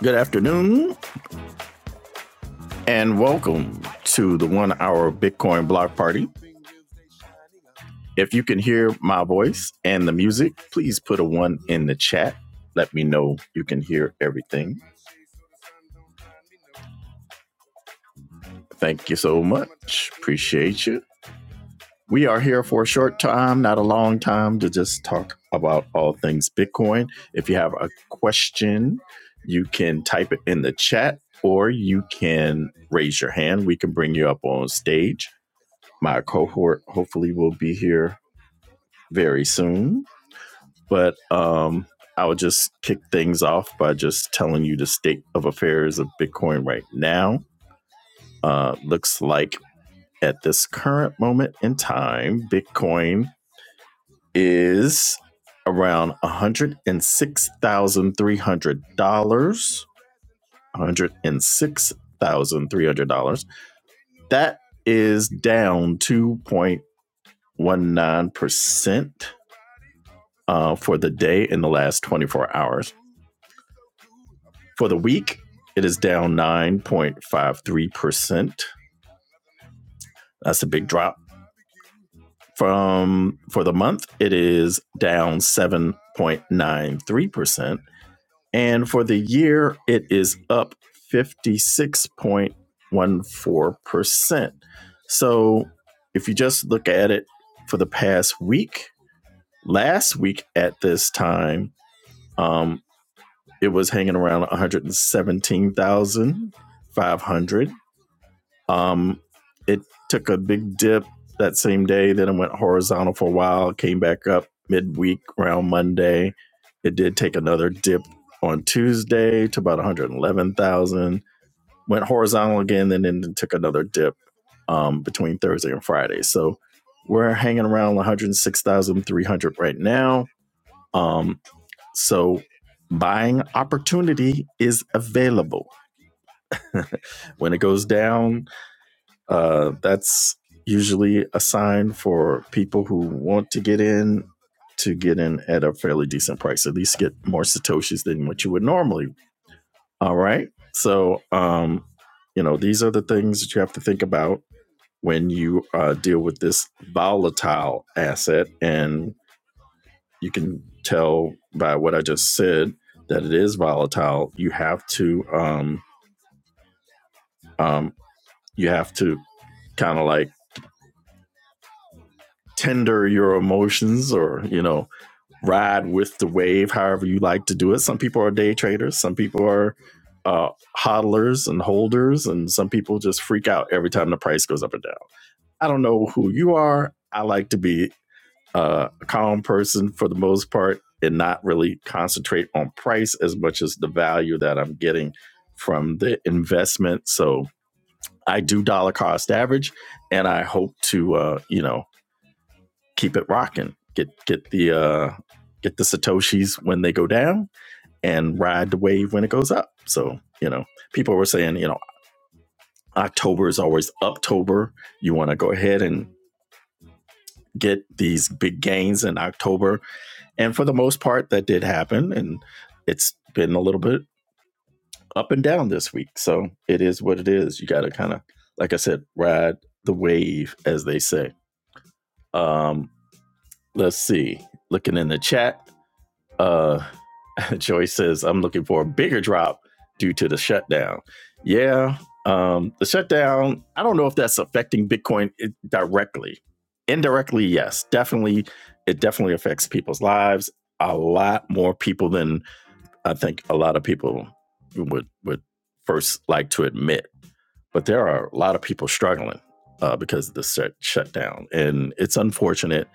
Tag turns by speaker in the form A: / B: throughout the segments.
A: Good afternoon and welcome to the one hour Bitcoin block party. If you can hear my voice and the music, please put a one in the chat. Let me know you can hear everything. Thank you so much. Appreciate you. We are here for a short time, not a long time, to just talk about all things Bitcoin. If you have a question, you can type it in the chat or you can raise your hand. We can bring you up on stage my cohort hopefully will be here very soon. But um, I will just kick things off by just telling you the state of affairs of Bitcoin right now. Uh, looks like at this current moment in time, Bitcoin is around $106,300. $106,300. That is down 2.19% uh, for the day in the last 24 hours. For the week, it is down 9.53%. That's a big drop. From for the month, it is down 7.93%. And for the year, it is up 56.14%. So if you just look at it for the past week, last week at this time, um, it was hanging around 117,500. Um, it took a big dip that same day. Then it went horizontal for a while, came back up midweek around Monday. It did take another dip on Tuesday to about 111,000. Went horizontal again, then then took another dip um, between Thursday and Friday. So we're hanging around 106,300 right now. Um, so buying opportunity is available. when it goes down, uh, that's usually a sign for people who want to get in to get in at a fairly decent price, at least get more Satoshis than what you would normally. All right. So, um, you know, these are the things that you have to think about when you uh, deal with this volatile asset. And you can tell by what I just said that it is volatile. You have to um, um, you have to kind of like tender your emotions or you know ride with the wave however you like to do it some people are day traders some people are uh hodlers and holders and some people just freak out every time the price goes up or down i don't know who you are i like to be uh, a calm person for the most part and not really concentrate on price as much as the value that I'm getting from the investment. So I do dollar cost average, and I hope to uh, you know keep it rocking, get get the uh, get the satoshis when they go down, and ride the wave when it goes up. So you know, people were saying you know October is always Uptober. You want to go ahead and get these big gains in October And for the most part, that did happen. And it's been a little bit up and down this week. So it is what it is. You got to kind of, like I said, ride the wave, as they say. Um, let's see. Looking in the chat, uh, Joy says, I'm looking for a bigger drop due to the shutdown. Yeah. Um, the shutdown, I don't know if that's affecting Bitcoin directly. Indirectly, yes. Definitely, it definitely affects people's lives. A lot more people than I think a lot of people would would first like to admit, but there are a lot of people struggling uh, because of the shut shutdown, and it's unfortunate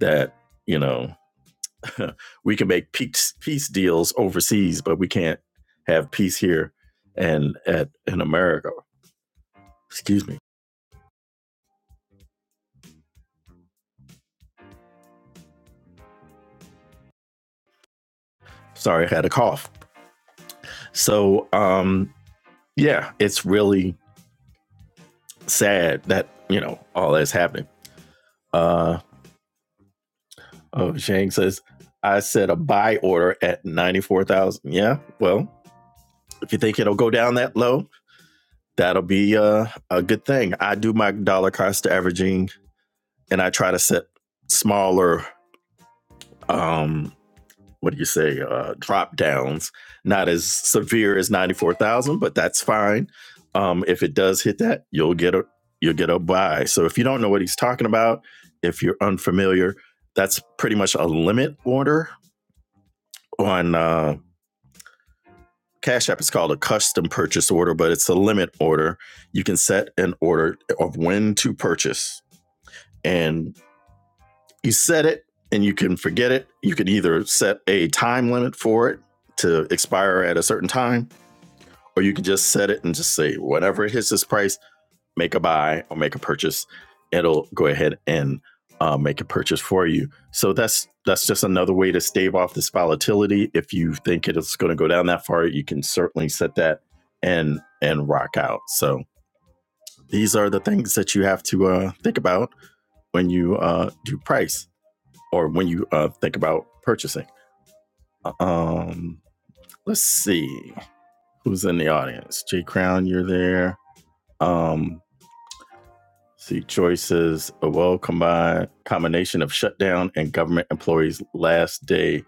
A: that you know we can make peace peace deals overseas, but we can't have peace here and at in America. Excuse me. Sorry, I had a cough. So um, yeah, it's really sad that you know all that's happening. Uh, Oh, Shang says, I set a buy order at 94,000. Yeah, well, if you think it'll go down that low, that'll be uh, a good thing. I do my dollar cost averaging and I try to set smaller, um, what do you say, uh, drop downs, not as severe as 94,000, but that's fine. Um, if it does hit that, you'll get a you'll get a buy. So if you don't know what he's talking about, if you're unfamiliar, that's pretty much a limit order on uh, Cash App is called a custom purchase order, but it's a limit order. You can set an order of when to purchase, and you set it and you can forget it. You can either set a time limit for it to expire at a certain time, or you can just set it and just say, whenever it hits this price, make a buy or make a purchase, it'll go ahead and uh, make a purchase for you. So that's that's just another way to stave off this volatility. If you think it's going to go down that far, you can certainly set that and and rock out. So these are the things that you have to uh, think about when you uh, do price or when you uh, think about purchasing. Um, let's see who's in the audience. Jay Crown, you're there. Um, See, choices a well combined combination of shutdown and government employees. Last day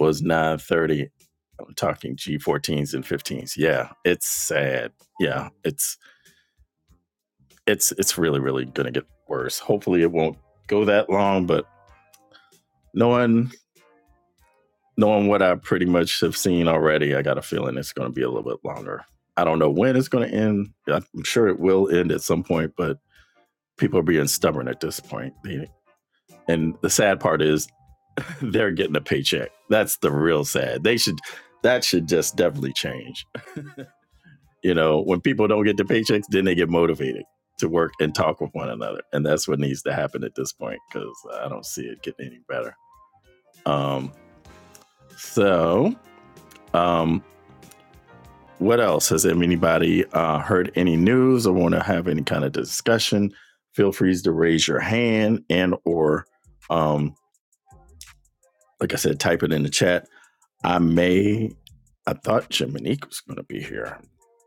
A: was nine thirty. I'm talking G14s and 15s. Yeah, it's sad. Yeah, it's it's it's really really gonna get worse. Hopefully, it won't go that long. But knowing knowing what I pretty much have seen already, I got a feeling it's gonna be a little bit longer. I don't know when it's gonna end. I'm sure it will end at some point, but people are being stubborn at this point. and the sad part is they're getting a paycheck. That's the real sad. They should that should just definitely change. You know, when people don't get the paychecks, then they get motivated to work and talk with one another, and that's what needs to happen at this point because I don't see it getting any better. Um, so, um, what else has anybody uh, heard any news or want to have any kind of discussion? Feel free to raise your hand and or, um, like I said, type it in the chat I may. I thought Jiminique was going to be here.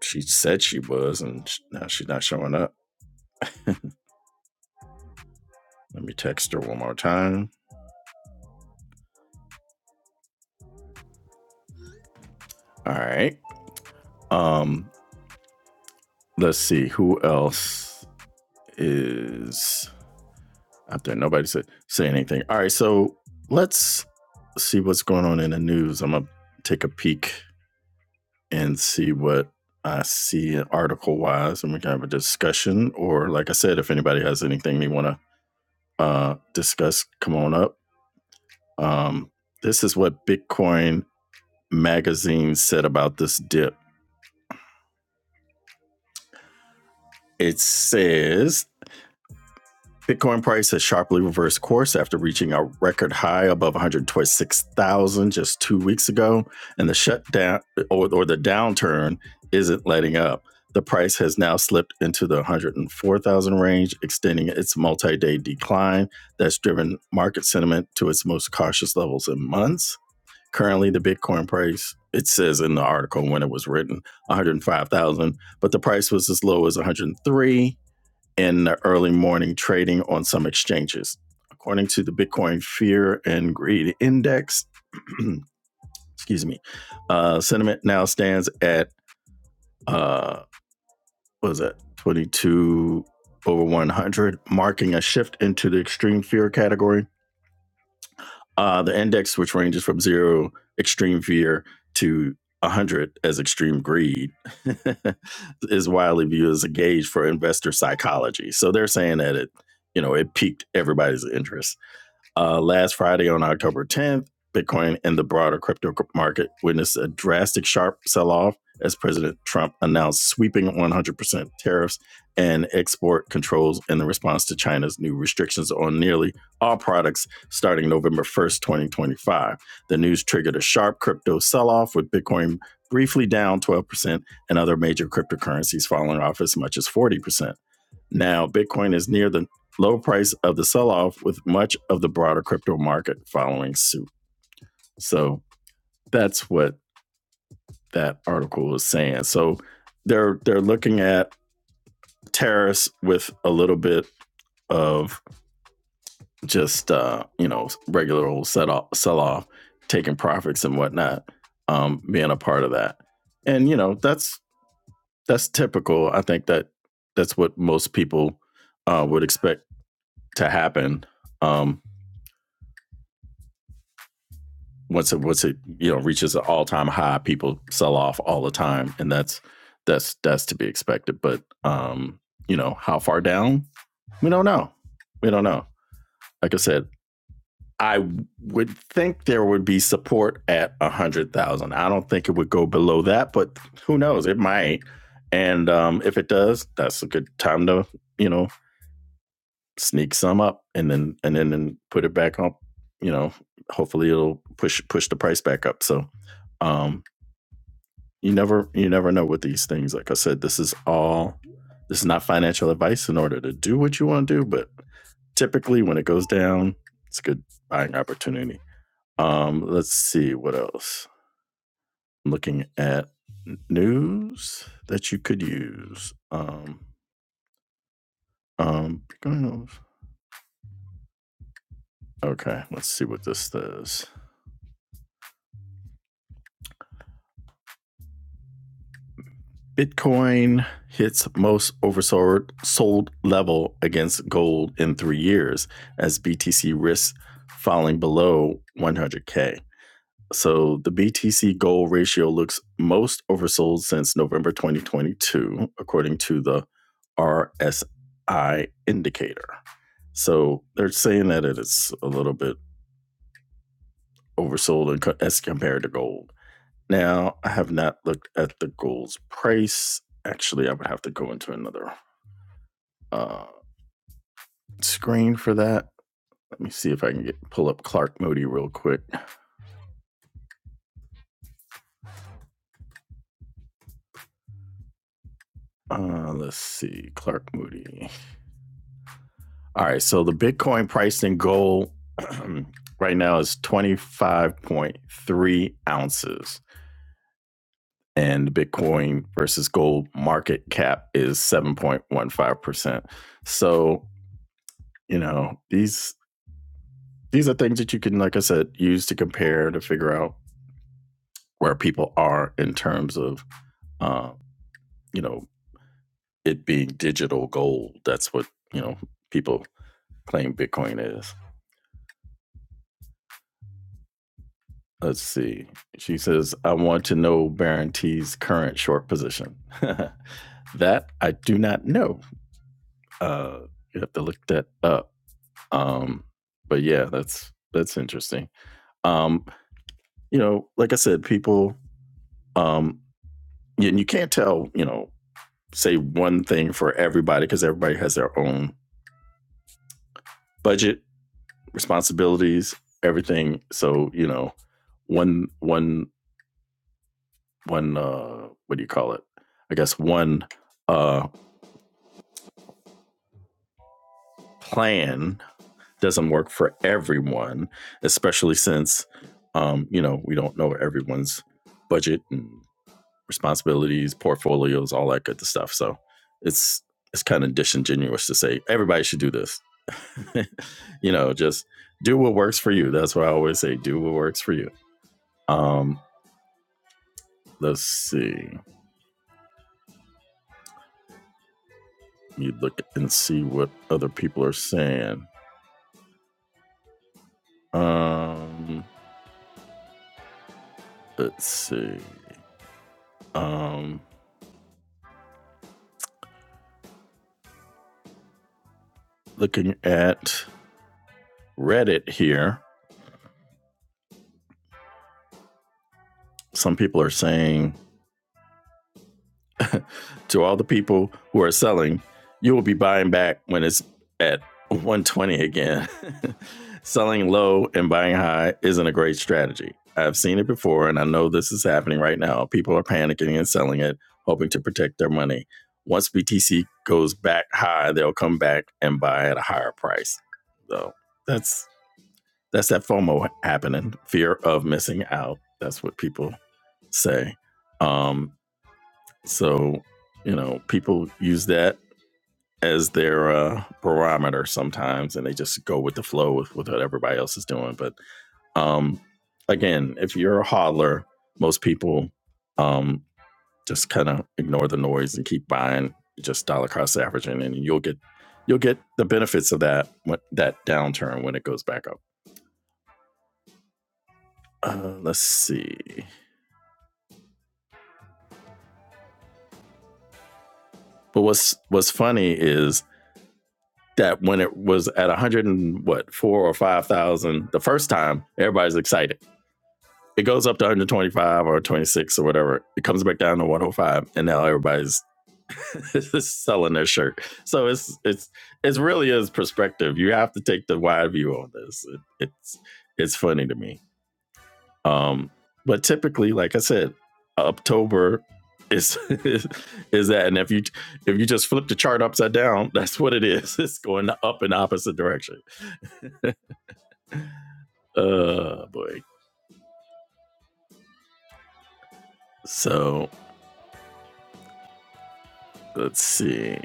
A: She said she was, and now she's not showing up. Let me text her one more time. All right. Um. Let's see who else is out there. Nobody said say anything. All right. So let's see what's going on in the news. I'm gonna take a peek and see what I see article wise, and we can have a discussion. Or like I said, if anybody has anything they want to uh, discuss, come on up. Um, this is what Bitcoin magazine said about this dip. It says Bitcoin price has sharply reversed course after reaching a record high above 126,000 just two weeks ago, and the shutdown or, or the downturn isn't letting up. The price has now slipped into the 104,000 range, extending its multi day decline that's driven market sentiment to its most cautious levels in months. Currently, the Bitcoin price, it says in the article when it was written, 105,000, but the price was as low as 103 in the early morning trading on some exchanges. According to the Bitcoin Fear and Greed Index, excuse me, uh, sentiment now stands at, uh, what is that, 22 over 100, marking a shift into the extreme fear category Uh, the index, which ranges from zero extreme fear to 100 as extreme greed, is widely viewed as a gauge for investor psychology. So they're saying that it, you know, it piqued everybody's interest uh, last Friday on October 10th, Bitcoin and the broader crypto market witnessed a drastic sharp sell off as President Trump announced sweeping 100% tariffs and export controls in the response to China's new restrictions on nearly all products starting November 1st, 2025. The news triggered a sharp crypto sell off, with Bitcoin briefly down 12% and other major cryptocurrencies falling off as much as 40%. Now, Bitcoin is near the low price of the sell off, with much of the broader crypto market following suit. So that's what that article was saying. So they're they're looking at tariffs with a little bit of just uh, you know regular old set off, sell off, taking profits and whatnot, um, being a part of that. And you know that's that's typical. I think that that's what most people uh, would expect to happen. Um, once it once it you know reaches an all time high, people sell off all the time, and that's that's that's to be expected. But um, you know, how far down? We don't know. We don't know. Like I said, I would think there would be support at a hundred thousand. I don't think it would go below that, but who knows? It might. And um, if it does, that's a good time to you know sneak some up and then and then and put it back up. You know, hopefully it'll push push the price back up. So um, you never you never know with these things. Like I said, this is all this is not financial advice in order to do what you want to do, but typically when it goes down, it's a good buying opportunity. Um, let's see what else. I'm looking at news that you could use. Um, um, okay, let's see what this says. Bitcoin hits most oversold sold level against gold in three years as BTC risks falling below 100K. So the BTC gold ratio looks most oversold since November 2022, according to the RSI indicator. So they're saying that it is a little bit oversold as compared to gold. Now, I have not looked at the gold's price. Actually, I would have to go into another uh, screen for that. Let me see if I can get pull up Clark Moody real quick. Uh, let's see, Clark Moody. All right, so the Bitcoin price in gold right now is twenty five point three ounces, and Bitcoin versus gold market cap is seven point one five percent. So you know these these are things that you can, like I said, use to compare to figure out where people are in terms of uh, you know it being digital gold. That's what, you know, people claim Bitcoin is. Let's see. She says, I want to know Baron T's current short position. that I do not know. Uh, you have to look that up. Um, but yeah, that's that's interesting. Um, you know, like I said, people, um, and you can't tell, you know, say one thing for everybody because everybody has their own budget responsibilities, everything. So you know, one one one uh, what do you call it? I guess one uh, plan doesn't work for everyone, especially since um, you know we don't know everyone's budget and responsibilities, portfolios, all that good stuff. So it's it's kind of disingenuous to say everybody should do this. you know, just do what works for you. That's what I always say. Do what works for you. Um, Let's see. You look and see what other people are saying. Um, let's see. Um, looking at Reddit here, some people are saying to all the people who are selling, you will be buying back when it's at 120 again. selling low and buying high isn't a great strategy. I've seen it before and I know this is happening right now. People are panicking and selling it, hoping to protect their money. Once BTC goes back high, they'll come back and buy at a higher price. So that's that's that FOMO happening, fear of missing out. That's what people say. Um, so, you know, people use that as their uh, barometer sometimes, and they just go with the flow with, with what everybody else is doing. But um, again, if you're a hodler, most people um, just kind of ignore the noise and keep buying just dollar cost averaging, and you'll get you'll get the benefits of that that downturn when it goes back up. Uh, let's see. But what's what's funny is that when it was at 100 and what four or five thousand the first time, everybody's excited. It goes up to 125 or 26 or whatever. It comes back down to 105, and now everybody's selling their shirt. So it's it's it really is perspective. You have to take the wide view on this. It, it's it's funny to me. Um, but typically, like I said, October is is that, and if you if you just flip the chart upside down, that's what it is. It's going up in the opposite direction. Oh boy. So let's see.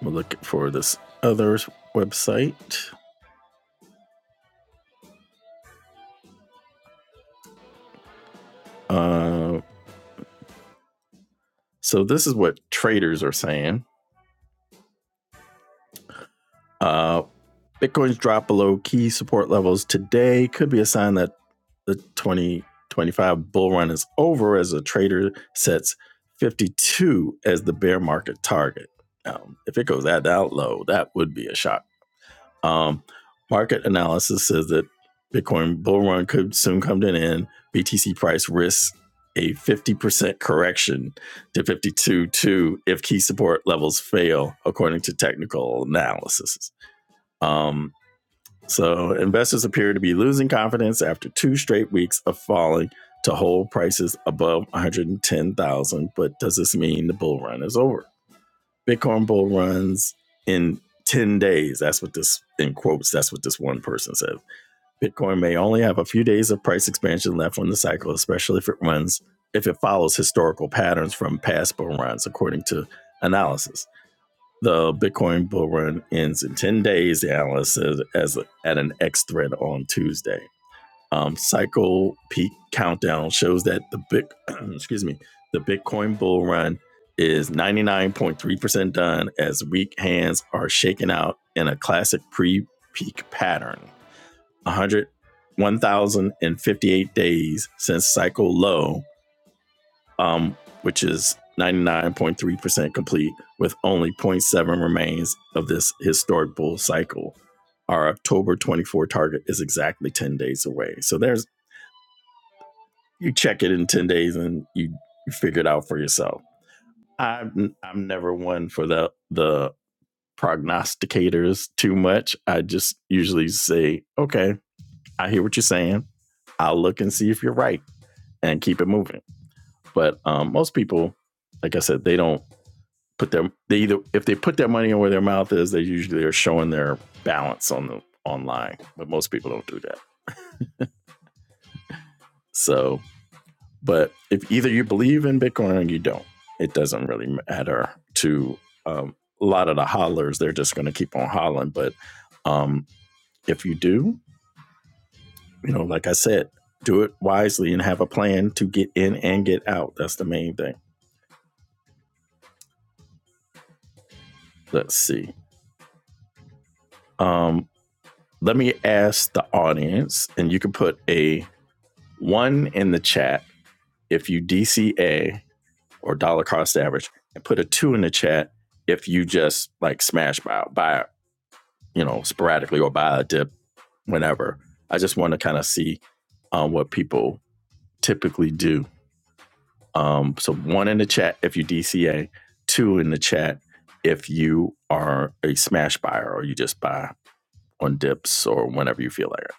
A: We'll look for this other website. Uh, so this is what traders are saying. Uh, Bitcoin's drop below key support levels today could be a sign that the 2025 bull run is over as a trader sets 52 as the bear market target. Um, if it goes that, that low, that would be a shocker. Um, market analysis says that Bitcoin bull run could soon come to an end. BTC price risks a 50% correction to 52.2 if key support levels fail, according to technical analysis. Um, so investors appear to be losing confidence after two straight weeks of falling to hold prices above 110,000. But does this mean the bull run is over? Bitcoin bull runs in 10 days. That's what this, in quotes, that's what this one person said. Bitcoin may only have a few days of price expansion left on the cycle, especially if it runs, if it follows historical patterns from past bull runs, according to analysis. The Bitcoin bull run ends in 10 days, the analyst says, as at an X thread on Tuesday. Um, cycle peak countdown shows that the big, excuse me, the Bitcoin bull run is 99.3% done as weak hands are shaken out in a classic pre-peak pattern. 100, 1,058 days since cycle low, um, which is 99.3% complete, with only zero point 0.7 remains of this historic bull cycle. Our October 24 target is exactly 10 days away. So there's you check it in 10 days and you figure it out for yourself. I'm I'm never one for the the prognosticators too much. I just usually say, okay, I hear what you're saying. I'll look and see if you're right and keep it moving. But um, most people, like I said, they don't put their they either if they put their money where their mouth is, they usually are showing their balance on the online. But most people don't do that. So But if either you believe in Bitcoin or you don't, it doesn't really matter to um, a lot of the hollers. They're just going to keep on hollering. But um, if you do, you know, like I said, do it wisely and have a plan to get in and get out. That's the main thing. Let's see. Um, let me ask the audience, and you can put a one in the chat if you DCA or dollar cost average, and put a two in the chat if you just like smash buy, buy you know, sporadically or buy a dip whenever. I just want to kind of see um, what people typically do. Um, so, one in the chat if you DCA, two in the chat if you are a smash buyer or you just buy on dips or whenever you feel like it,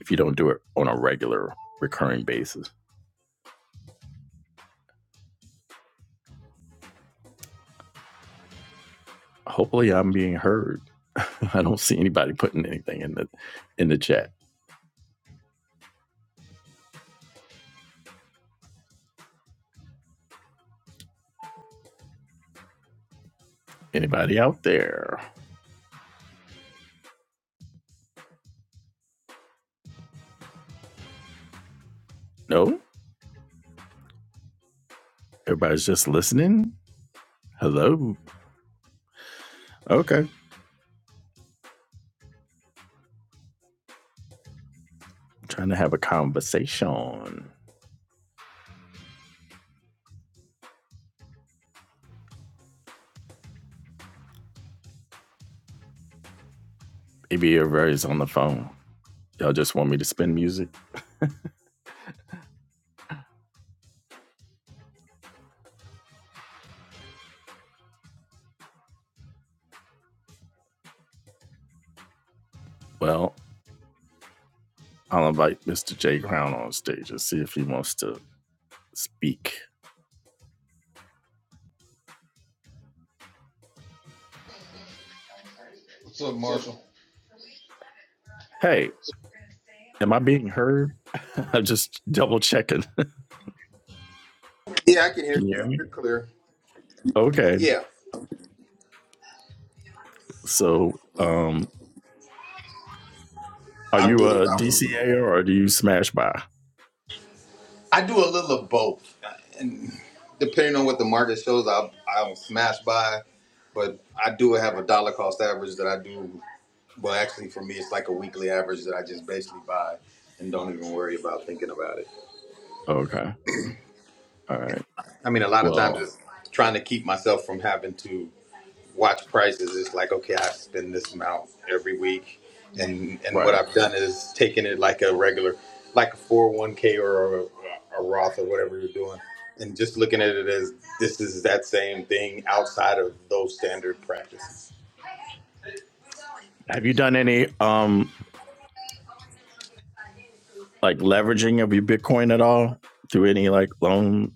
A: if you don't do it on a regular recurring basis. Hopefully, I'm being heard. I don't see anybody putting anything in the in the chat. Anybody out there? No, everybody's just listening. Hello. Okay. Trying to have a conversation. Maybe everybody's on the phone. Y'all just want me to spin music? Well, I'll invite Mr. J Crown on stage and see if he wants to speak.
B: What's up, Marshall?
A: Hey, am I being heard? I'm just double checking.
B: Yeah, I can hear
A: Can you hear
B: you.
A: me?
B: You're clear.
A: Okay.
B: Yeah,
A: So, um, are
B: I
A: you
B: really,
A: a
B: I, was,
A: DCA or do you smash by?
B: I do a little of both, and depending on what the market shows, I I'll smash buy. but I do have a dollar cost average that I do. Well, actually, for me, it's like a weekly average that I just basically buy and don't even worry about thinking about it.
A: Okay. All right.
B: I mean, a lot of
A: Well,
B: times it's trying to keep myself from having to. watch prices it's like okay i spend this amount every week and and what
A: right.
B: i've done is taken it like a regular like a 401k or a, a roth or whatever you're doing and just looking at it as this is that same thing outside of those standard practices
A: Have you done any um like leveraging of your Bitcoin at all through any like loan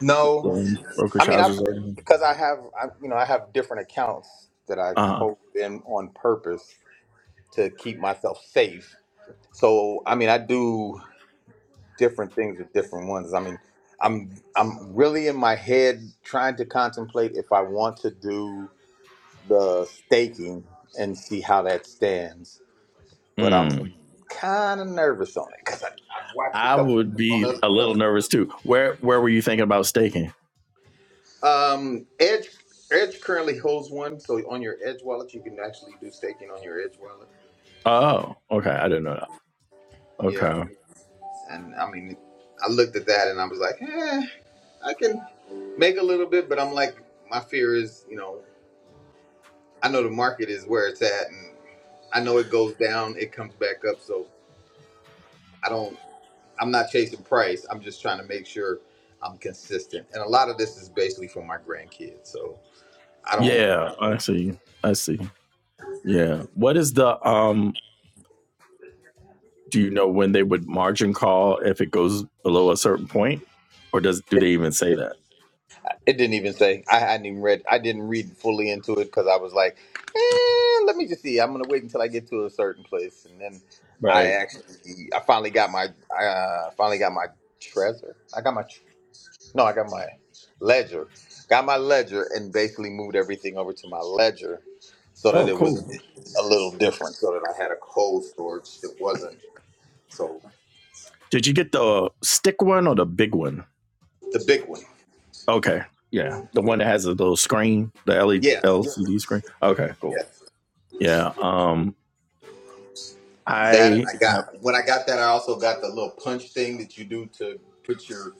B: no
A: loan
B: i
A: brokerage
B: mean i
A: houses or anything?
B: because i have I, you know i have different accounts that i
A: Uh,
B: hold in on purpose to keep myself safe so i mean i do different things with different ones. I mean, I'm I'm really in my head trying to contemplate if I want to do the staking and see how that stands. But I'm
A: mm,
B: kind of nervous on it because I've watched a
A: I
B: couple
A: would
B: on
A: be
B: other
A: a
B: stuff.
A: little nervous too. Where Where were you thinking about staking?
B: Um, Edge Edge currently holds one, so on your Edge wallet you can actually do staking on your Edge wallet.
A: Oh, okay. I didn't know that.
B: Yeah,
A: Okay.
B: and I mean, I looked at that and I was like, eh, I can make a little bit, but I'm like, my fear is, you know. I know the market is where it's at, and I know it goes down, it comes back up. So I don't. I'm not chasing price. I'm just trying to make sure I'm consistent. And a lot of this is basically for my grandkids. So I don't.
A: Yeah, I see. I see. Yeah. What is the um? Do you know when they would margin call if it goes below a certain point, or does do
B: It,
A: they even say that?
B: it didn't even say. I hadn't even read. I didn't read fully into it because I was like, eh, let me just see. I'm gonna wait until I get to a certain place, and then I
A: Right.
B: actually, I finally got my, I uh, finally got my treasure. I got my No, I got my ledger. Got my ledger and basically moved everything over to my ledger so that
A: Oh,
B: it was
A: cool.
B: a little different, so that I had a cold storage that wasn't so
A: Did you get the stick one or the big one?
B: the big one.
A: Okay. Yeah, the one that has a little screen, the LED
B: Yeah,
A: screen. Okay, cool.
B: yeah.
A: Yeah. Um,
B: That and
A: I
B: I
A: have.
B: got when I got that I also got the little punch thing that you do to put your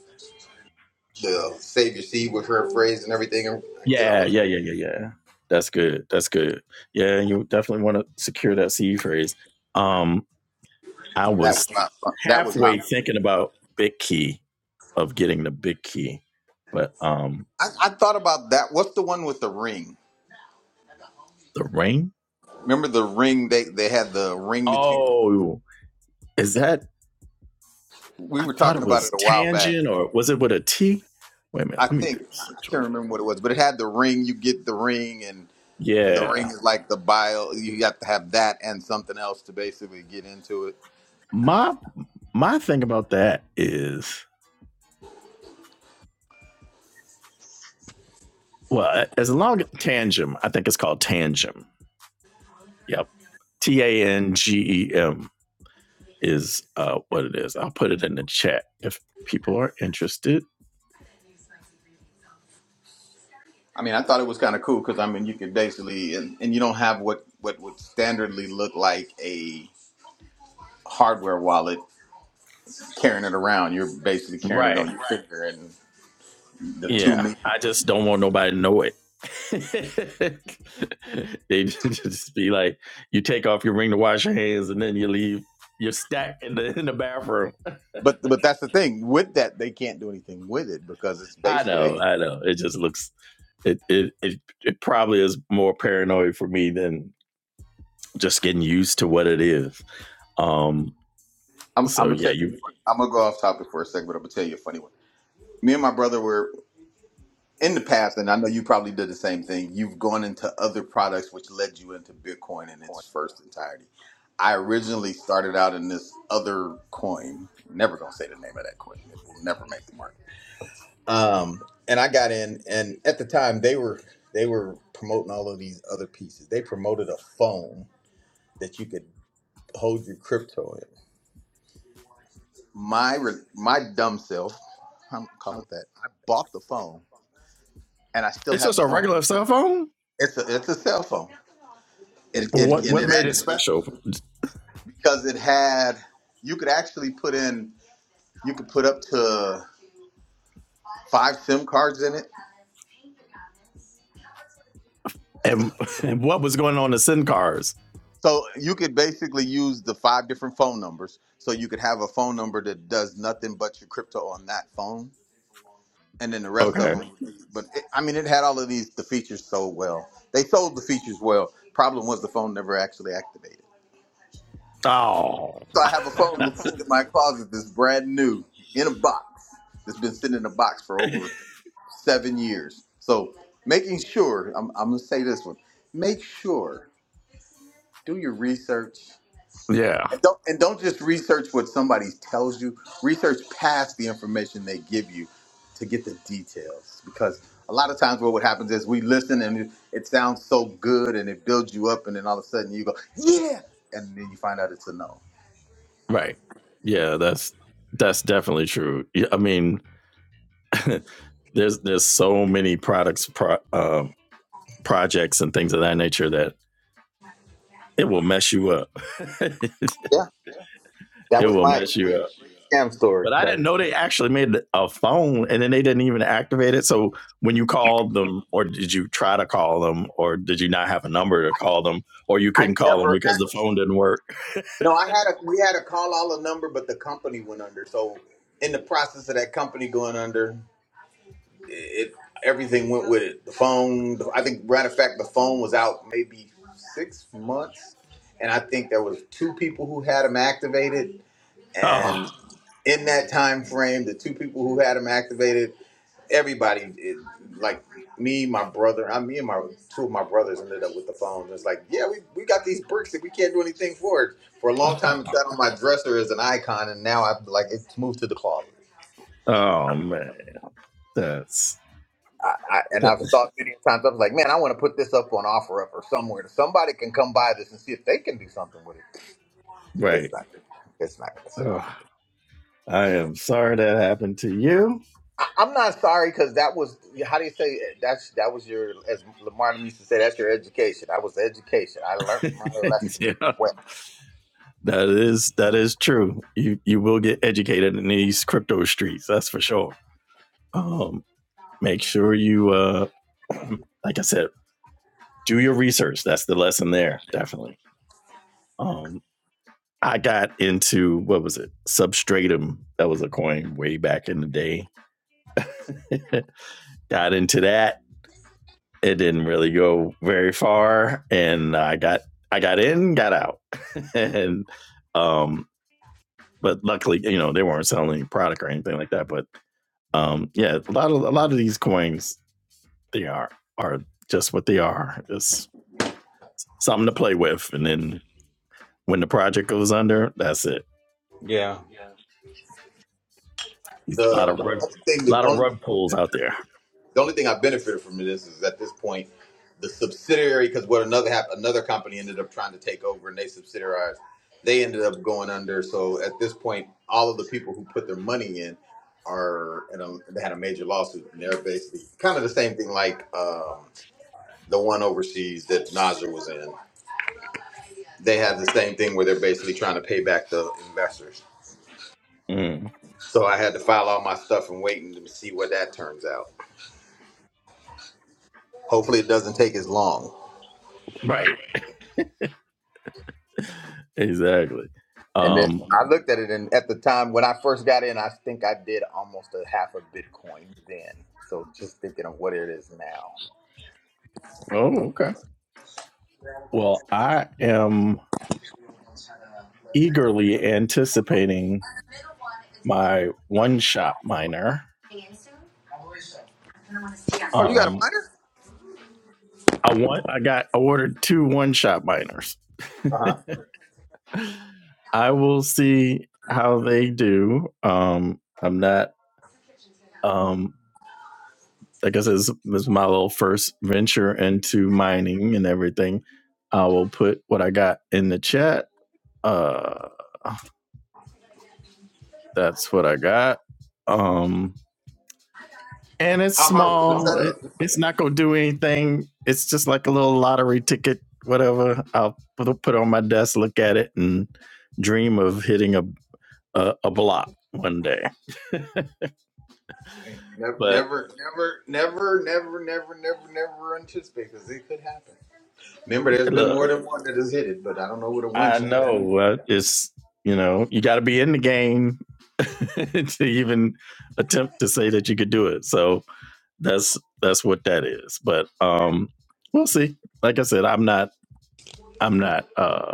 B: the save your seed with her phrase and everything. I did all
A: Yeah,
B: of
A: yeah, yeah, yeah, yeah. That's good. That's good. Yeah, you definitely want to secure that C E phrase. Um, I
B: that. That was
A: was
B: not fun. That was not
A: halfway
B: fun.
A: thinking about big key of getting the big key, but um,
B: I, I thought about that. What's the one with the ring?
A: the ring.
B: Remember the ring? They they had the ring that you could.
A: Oh, is that?
B: we
A: I
B: were
A: thought it
B: talking about it
A: was
B: a while back.
A: tangent, or was it with a T? Wait a minute.
B: I
A: Let me
B: think
A: do
B: I
A: search on
B: can't
A: that.
B: remember what it was, but it had the ring. You get the ring, and the ring
A: Yeah,
B: is like the bio. You have to have that and something else to basically get into it.
A: my my thing about that is well, as long as tangent, I think it's called tangent Yep. T A N G E M is uh, what it is. I'll put it in the chat if people are interested.
B: I mean, I thought it was kind of cool because I mean, you could basically and, and you don't have what what would standardly look like a hardware wallet carrying it around. You're basically carrying it on
A: Right.
B: your finger, and the two
A: Yeah.
B: me.
A: I just don't want nobody to know it. they just be like, you take off your ring to wash your hands and then you leave your stack in the in the bathroom.
B: But but that's the thing with that, they can't do anything with it because it's
A: I
B: basically
A: know, I know. It just looks It it it, it probably is more paranoid for me than just getting used to what it is. Um.
B: I'm,
A: So
B: I'm gonna
A: yeah,
B: tell you.
A: you.
B: I'm gonna go off topic for a second, but I'm gonna tell you a funny one. Me and my brother were in the past, and I know you probably did the same thing. You've gone into other products, which led you into Bitcoin in its first entirety. I originally started out in this other coin. Never gonna say the name of that coin. It will never make the market. Um, and I got in, and at the time they were they were promoting all of these other pieces. They promoted a phone that you could hold your crypto in. my re- my dumb self, I'm gonna call it that. I bought the phone, and I still
A: It's
B: have
A: just
B: the
A: a
B: phone.
A: regular cell phone.
B: It's a it's a cell phone. It,
A: Well,
B: it
A: what
B: and
A: what
B: it
A: made it
B: actually
A: special,
B: because it had you could actually put in you could put up to five SIM cards in it.
A: and, and what was going on the SIM cards?
B: So you could basically use the five different phone numbers. So you could have a phone number that does nothing but your crypto on that phone, and then the rest of
A: Okay.
B: them. Would be, but it, I mean, it had all of these the features so well. They sold the features well. Problem was the phone never actually activated.
A: Oh
B: So I have a phone that's sitting in my closet that's brand new in a box that's been sitting in a box for over seven years. So making sure I'm, I'm gonna say this one. Make sure do your research
A: yeah.
B: and don't and don't just research what somebody tells you. Research past the information they give you to get the details because a lot of times what what happens is we listen and it, it sounds so good and it builds you up and then all of a sudden you go yeah and then you find out it's a no.
A: Right. Yeah. That's that's definitely true. Yeah, I mean, there's there's so many products, pro, um, projects, and things of that nature that it will mess you up.
B: Yeah, that
A: it
B: was
A: will
B: my
A: mess you
B: Scam
A: But
B: story.
A: I
B: That
A: didn't know they actually made a phone and then they didn't even activate it. So when you called them, or did you try to call them, or did you not have a number to call them, or you
B: I
A: couldn't call them
B: never
A: because the
B: actually.
A: phone didn't work?
B: No, I had a we had a call all the number, but the company went under. So in the process of that company going under, it everything went with it. The phone, the, I think, matter of fact, the phone was out maybe six months, and I think there was two people who had them activated,
A: Oh,
B: and in that time frame, the two people who had him activated, everybody, it, like me, my brother, I me and my two of my brothers ended up with the phones. It's like, yeah, we, we got these bricks that we can't do anything for. It for a long time, it sat on my dresser as an icon, and now I've like it's moved to the closet.
A: oh man. That's,
B: I, I, and I've
A: that's
B: thought many times, I was like, man, I want to put this up on offer up or somewhere. Somebody can come buy this and see if they can do something with it. It's
A: right.
B: not, it's not gonna sell.
A: Oh, I am sorry that happened to you.
B: I'm not sorry because that was how do you say it? that's that was your as Lamar used to say that's your education. I was education. I learned my lesson
A: yeah.
B: well.
A: That is that is true. You you will get educated in these crypto streets, that's for sure. Um, make sure you uh like I said, do your research. That's the lesson there, definitely. Um, I got into what was it? Substratum. That was a coin way back in the day. got into that. It didn't really go very far, and I got I got in, got out, and um, but luckily, you know, they weren't selling any product or anything like that. But um, yeah, a lot of a lot of these coins, they are are just what they are. It's something to play with, and then when the project goes under, that's it. A lot
B: The
A: of
B: only thing,
A: A
B: the
A: lot of
B: only,
A: rug pulls out
B: the
A: there.
B: only thing I benefited from this is at this point, the subsidiary because what another hap- another company ended up trying to take over and they subsidiarized, they ended up going under. So at this point, all of the people who put their money in are and they had a major lawsuit and they're basically kind of the same thing like. Um, the one overseas that Nasr was in, they had the same thing where they're basically trying to pay back the investors.
A: Mm,
B: So I had to file all my stuff and wait and see what that turns out. Hopefully, it doesn't take as long.
A: right. Exactly.
B: And then
A: Um,
B: I looked at it, and at the time when I first got in, I think I did almost a half a Bitcoin then. So just thinking of what it is now.
A: oh, okay. Well, I am eagerly anticipating my one shot miner.
B: Oh, you got a
A: Um,
B: miner?
A: I want. I got. I ordered two one shot miners.
B: Uh huh.
A: I will see how they do. Um, I'm not. Um, I guess this, this is my little first venture into mining and everything. I will put what I got in the chat. Uh, That's what I got. Um, and it's
B: How hard was the
A: small. It,
B: setup?
A: it's not gonna do anything. It's just like a little lottery ticket, whatever. I'll put put it on my desk, look at it, and dream of hitting a a, a block one day.
B: Never,
A: But
B: never, never, never, never, never, never, never, never anticipate because it could happen. Remember, there's been
A: look,
B: more than one that has hit it, but I don't know what a one
A: I
B: shot that.
A: know uh, it's you know you got to be in the game to even attempt to say that you could do it. So that's that's what that is. But um, we'll see. Like I said, I'm not I'm not uh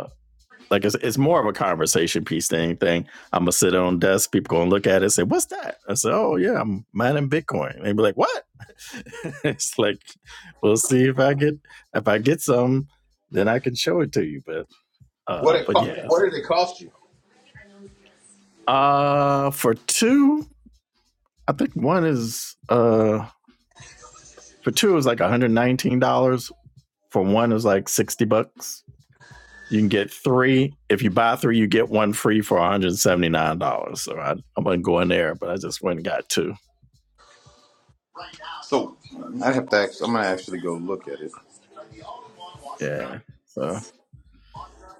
A: Like it's, it's more of a conversation piece than anything. I'm gonna sit on desk. People gonna look at it, and say, "What's that?" I say, "Oh yeah, I'm mining Bitcoin." And they be like, "What?" it's like we'll see if I get if I get some, then I can show it to you. But
B: What
A: uh,
B: it
A: but
B: co-
A: yeah.
B: What did it cost you?
A: Uh, for two, I think one is uh for two is like 119 dollars. For one is like 60 bucks You can get three. If you buy three, you get one free for $179. So I, I wasn't going there, but I just went and got two.
B: So I have to. Act, I'm gonna actually go look at it.
A: Yeah. So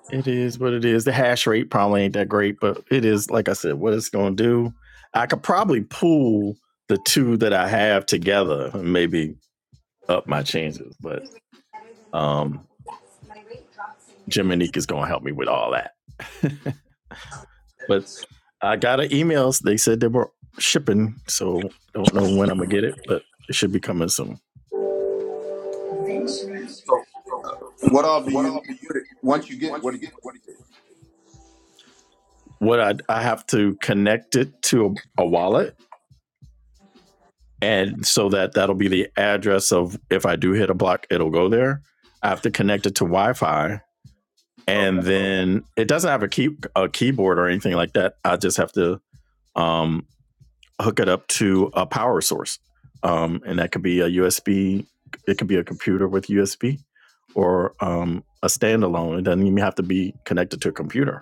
A: it is what it is. The hash rate probably ain't that great, but it is, like I said, what it's going to do. I could probably pool the two that I have together and maybe up my chances, but um, Jiminique is going to help me with all that. but I got an email. They said they were shipping, so don't know when I'm going to get it, but it should be coming soon.
B: What all do you need? What it, once you get it, what do you?
A: what I I have to connect it to a, a wallet, and so that that'll be the address of if I do hit a block, it'll go there. I have to connect it to Wi-Fi,
B: Okay.
A: and then it doesn't have a key a keyboard or anything like that. I just have to um, hook it up to a power source, um, and that could be a USB. It could be a computer with USB, or um, a standalone. It doesn't even have to be connected to a computer.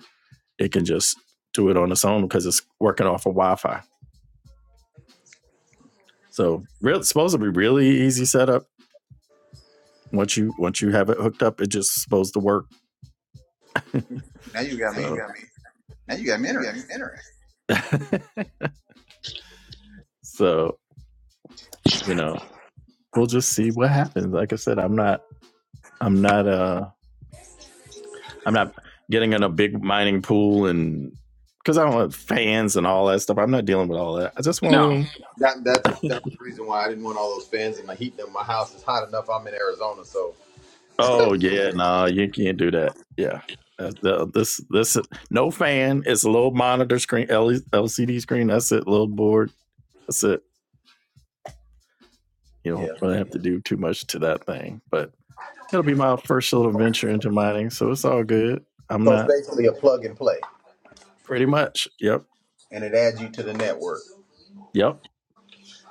A: It can just do it on its own because it's working off of Wi-Fi. So real, it's supposed to be really easy setup. Once you once you have it hooked up, it just supposed to work.
B: Now you got
A: So
B: me. Now you got me interested.
A: so you know we'll just see what happens. Like I said, I'm not I'm not uh I'm not getting in a big mining pool and because I don't want fans and all that stuff. I'm not dealing with all that. I just want a little.
B: That that's that was the reason why I didn't want all those fans and the heat in my house is hot enough. I'm in Arizona, so
A: Oh yeah, no, nah, you can't do that. Yeah. Uh, the- this this no fan. It's a little monitor screen, LCD screen. That's it. Little board. That's it. you don't
B: yeah.
A: really have to do too much to that thing. But it'll be my first little venture into mining, so it's all good. I'm
B: So it's
A: not
B: basically a plug and play,
A: pretty much. Yep,
B: and it adds you to the network.
A: yep.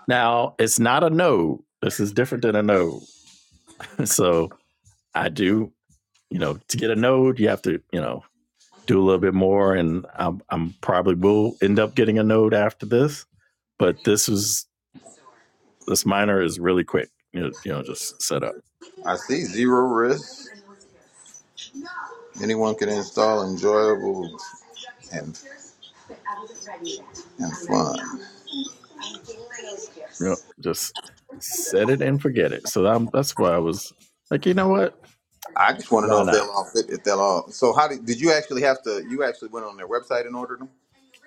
A: Now it's not a node. This is different than a node. So I do, you know, to get a node, you have to, you know, do a little bit more, and I'm, I'm probably will end up getting a node after this. But this is this miner is really quick. You know, you know, just set up.
B: I see zero risk. Anyone can install enjoyable and and fun.
A: You know, just set it and forget it. So I'm, that's why I was like, you know what?
B: I just want to know
A: Why
B: if they'll
A: not?
B: all fit. If they'll all. So how did did you actually have to? You actually went on their website and ordered them?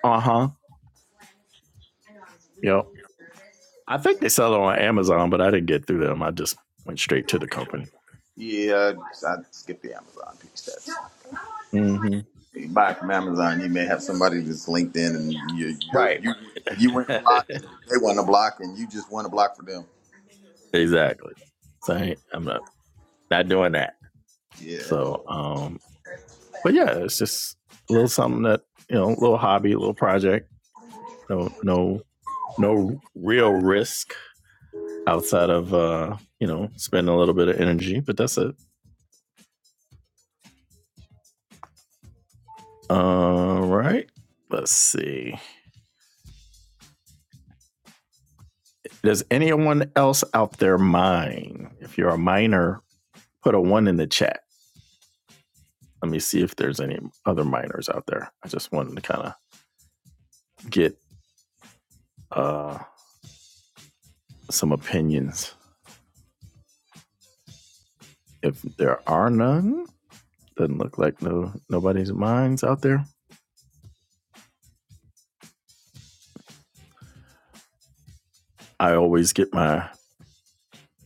A: Uh huh. Yep. I think they sell it on Amazon, but I didn't get through them. I just went straight to the company.
B: Yeah, I skipped the Amazon piece. That's
A: Mm-hmm.
B: you buy from Amazon. You may have somebody that's LinkedIn, and you you're,
A: Right.
B: you you went a block, and they want a block, and you just want a block for them.
A: exactly. So I I'm not not doing that.
B: Yeah.
A: So, um, but yeah, it's just a little something that you know, a little hobby, a little project. No, no, no real risk outside of uh, you know, spending a little bit of energy. But that's it. All right. Let's see. Does anyone else out there mine? If you're a miner, put a one in the chat. Let me see if there's any other miners out there. I just wanted to kind of get uh, some opinions. If there are none, doesn't look like no nobody's mines out there. I always get my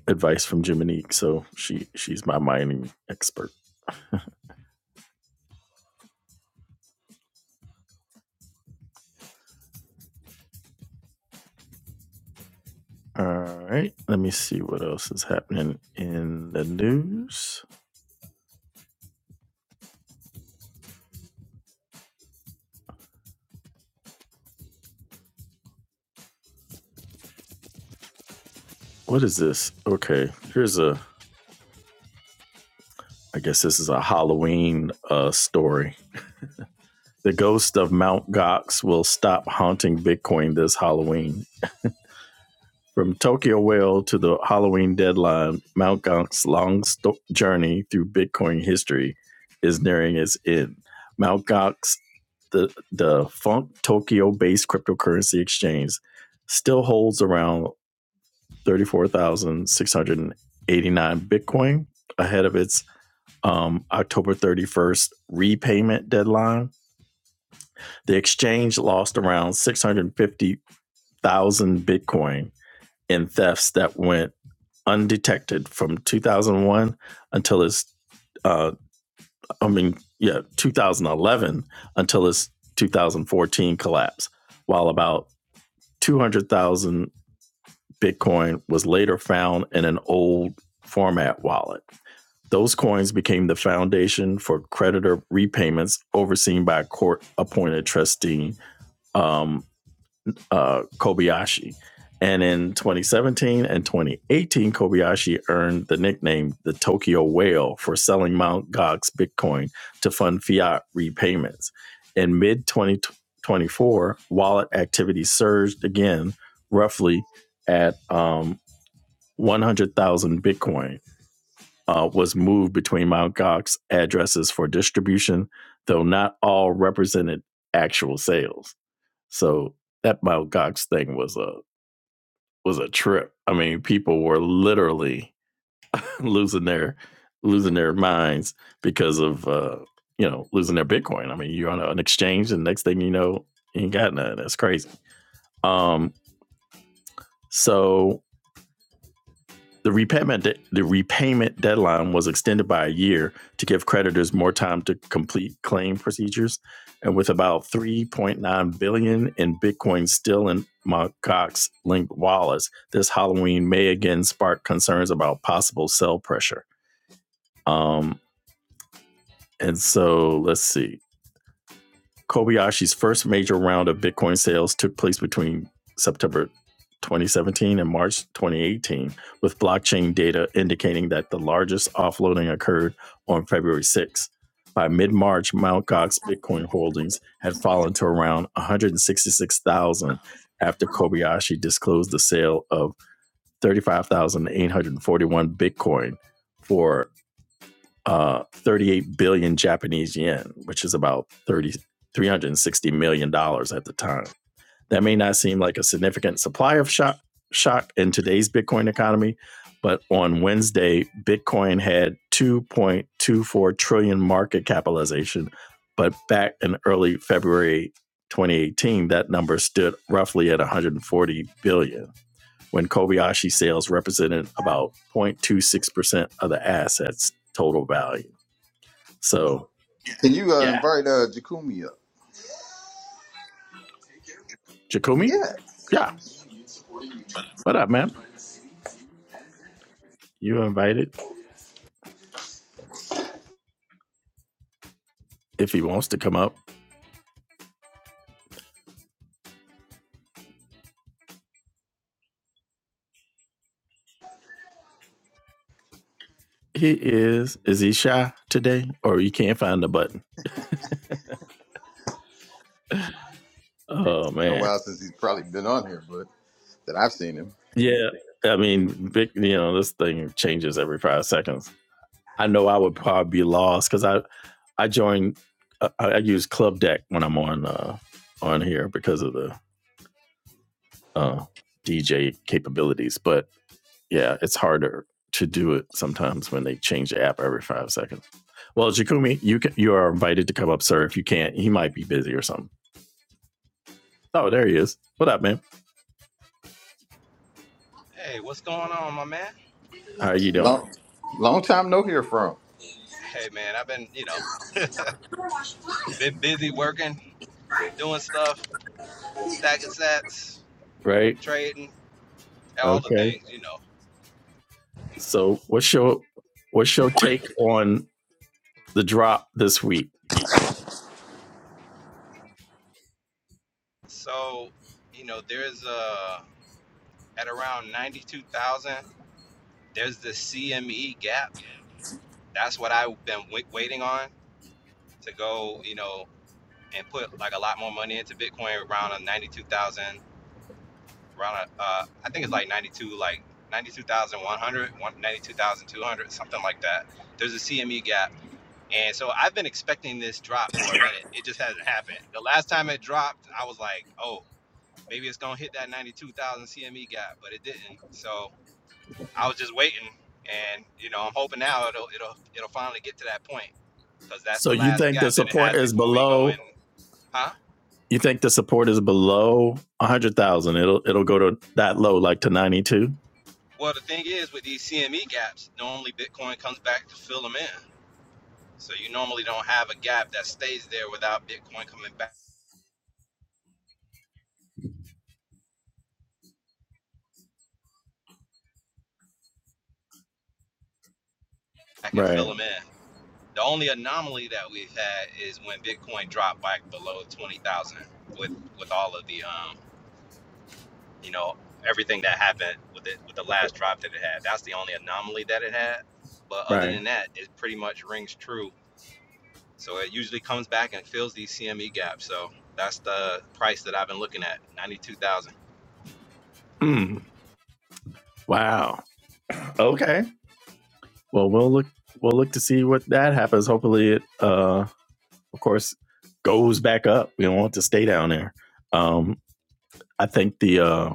A: advice from Jiminique, so she she's my mining expert. All right, let me see what else is happening in the news. What is this? Okay, here's a I guess this is a Halloween uh, story. The ghost of Mount Gox will stop haunting Bitcoin this Halloween. From Tokyo Whale to the Halloween deadline, Mount Gox's long sto- journey through Bitcoin history is nearing its end. Mount Gox, the, the funk Tokyo based cryptocurrency exchange, still holds around 34,689 Bitcoin ahead of its um, October 31st repayment deadline. The exchange lost around 650,000 Bitcoin in thefts that went undetected from 2001 until its, uh, I mean, yeah, 2011 until its 2014 collapse, while about 200,000 Bitcoin was later found in an old format wallet. Those coins became the foundation for creditor repayments overseen by a court appointed trustee, um, uh, Kobayashi. And in 2017 and 2018, Kobayashi earned the nickname the Tokyo Whale for selling Mt. Gox Bitcoin to fund fiat repayments. In mid 2024, wallet activity surged again, roughly at um, 100,000 Bitcoin uh, was moved between Mt. Gox addresses for distribution, though not all represented actual sales. So that Mt. Gox thing was a was a trip. I mean, people were literally losing their losing their minds because of uh, you know losing their Bitcoin. I mean, you're on an exchange, and next thing you know, you ain't got none. That's crazy. Um, so The repayment, de- the repayment deadline was extended by a year to give creditors more time to complete claim procedures. And with about 3.9 billion dollars in Bitcoin still in Cox linked wallets, this Halloween may again spark concerns about possible sell pressure. Um, and so let's see. Kobayashi's first major round of Bitcoin sales took place between September 2017 and March 2018, with blockchain data indicating that the largest offloading occurred on February 6. By mid March, Mt. Gox Bitcoin holdings had fallen to around 166,000 after Kobayashi disclosed the sale of 35,841 Bitcoin for uh, 38 billion Japanese yen, which is about 30, $360 million dollars at the time. That may not seem like a significant supply of shock, shock in today's Bitcoin economy, but on Wednesday, Bitcoin had 2.24 trillion market capitalization. But back in early February 2018, that number stood roughly at 140 billion when Kobayashi sales represented about 0.26% of the asset's total value. So
B: Can you uh,
A: yeah,
B: invite uh, Jakumi up?
A: Jacomi.
B: Yeah.
A: Yeah, what up, man? You invited if he wants to come up. He is. Is he shy today, or you can't find the button? Oh
B: It's been a
A: man.
B: while since he's probably been on here, but that I've seen him.
A: Yeah, I mean, big. You know, this thing changes every five seconds. I know I would probably be lost because I I join. I, I use Club Deck when I'm on uh, on here because of the uh, DJ capabilities, but yeah, it's harder to do it sometimes when they change the app every five seconds. Well, Jakumi, you can, you are invited to come up, sir. If you can't, he might be busy or something. Oh, there he is. What up, man?
C: Hey, what's going on, my man?
A: How are you doing?
B: Long long time no hear from.
C: Hey, man, I've been, you know, been busy working, doing stuff, stacking sats,
A: Right?
C: trading, all the
A: Okay.
C: things, you know.
A: So, what's your what's your take on the drop this week?
C: So, you know, there's uh at around 92,000, there's the CME gap. That's what I've been wait waiting on to go, you know, and put like a lot more money into Bitcoin around a 92,000, around a, uh, I think it's like 92, like 92,100, something like that. There's a CME gap And so I've been expecting this drop for a minute. It just hasn't happened. The last time it dropped, I was like, oh, maybe it's going to hit that 92,000 CME gap, but it didn't. So I was just waiting. And, you know, I'm hoping now it'll, it'll, it'll finally get to that point because that's
A: So,
C: the
A: you
C: last
A: think the
C: gap that it
A: support
C: has
A: is
C: before we go
A: below?
C: in. Huh?
A: You think the support is below a hundred thousand? It'll it'll go to that low, like to ninety two.
C: Well, the thing is with these CME gaps, normally Bitcoin comes back to fill them in. So you normally don't have a gap that stays there without Bitcoin coming back and fill
A: Right.
C: them in. The only anomaly that we've had is when Bitcoin dropped back below twenty thousand with with all of the um you know everything that happened with it with the last drop that it had. That's the only anomaly that it had. But other
A: Right.
C: than that, it pretty much rings true. So it usually comes back and fills these CME gaps. So that's the price that I've been looking at, ninety two thousand.
A: Mm, wow. Okay. Well, we'll look we'll look to see what that happens. Hopefully, it uh, of course goes back up. We don't want to stay down there. Um, I think the uh,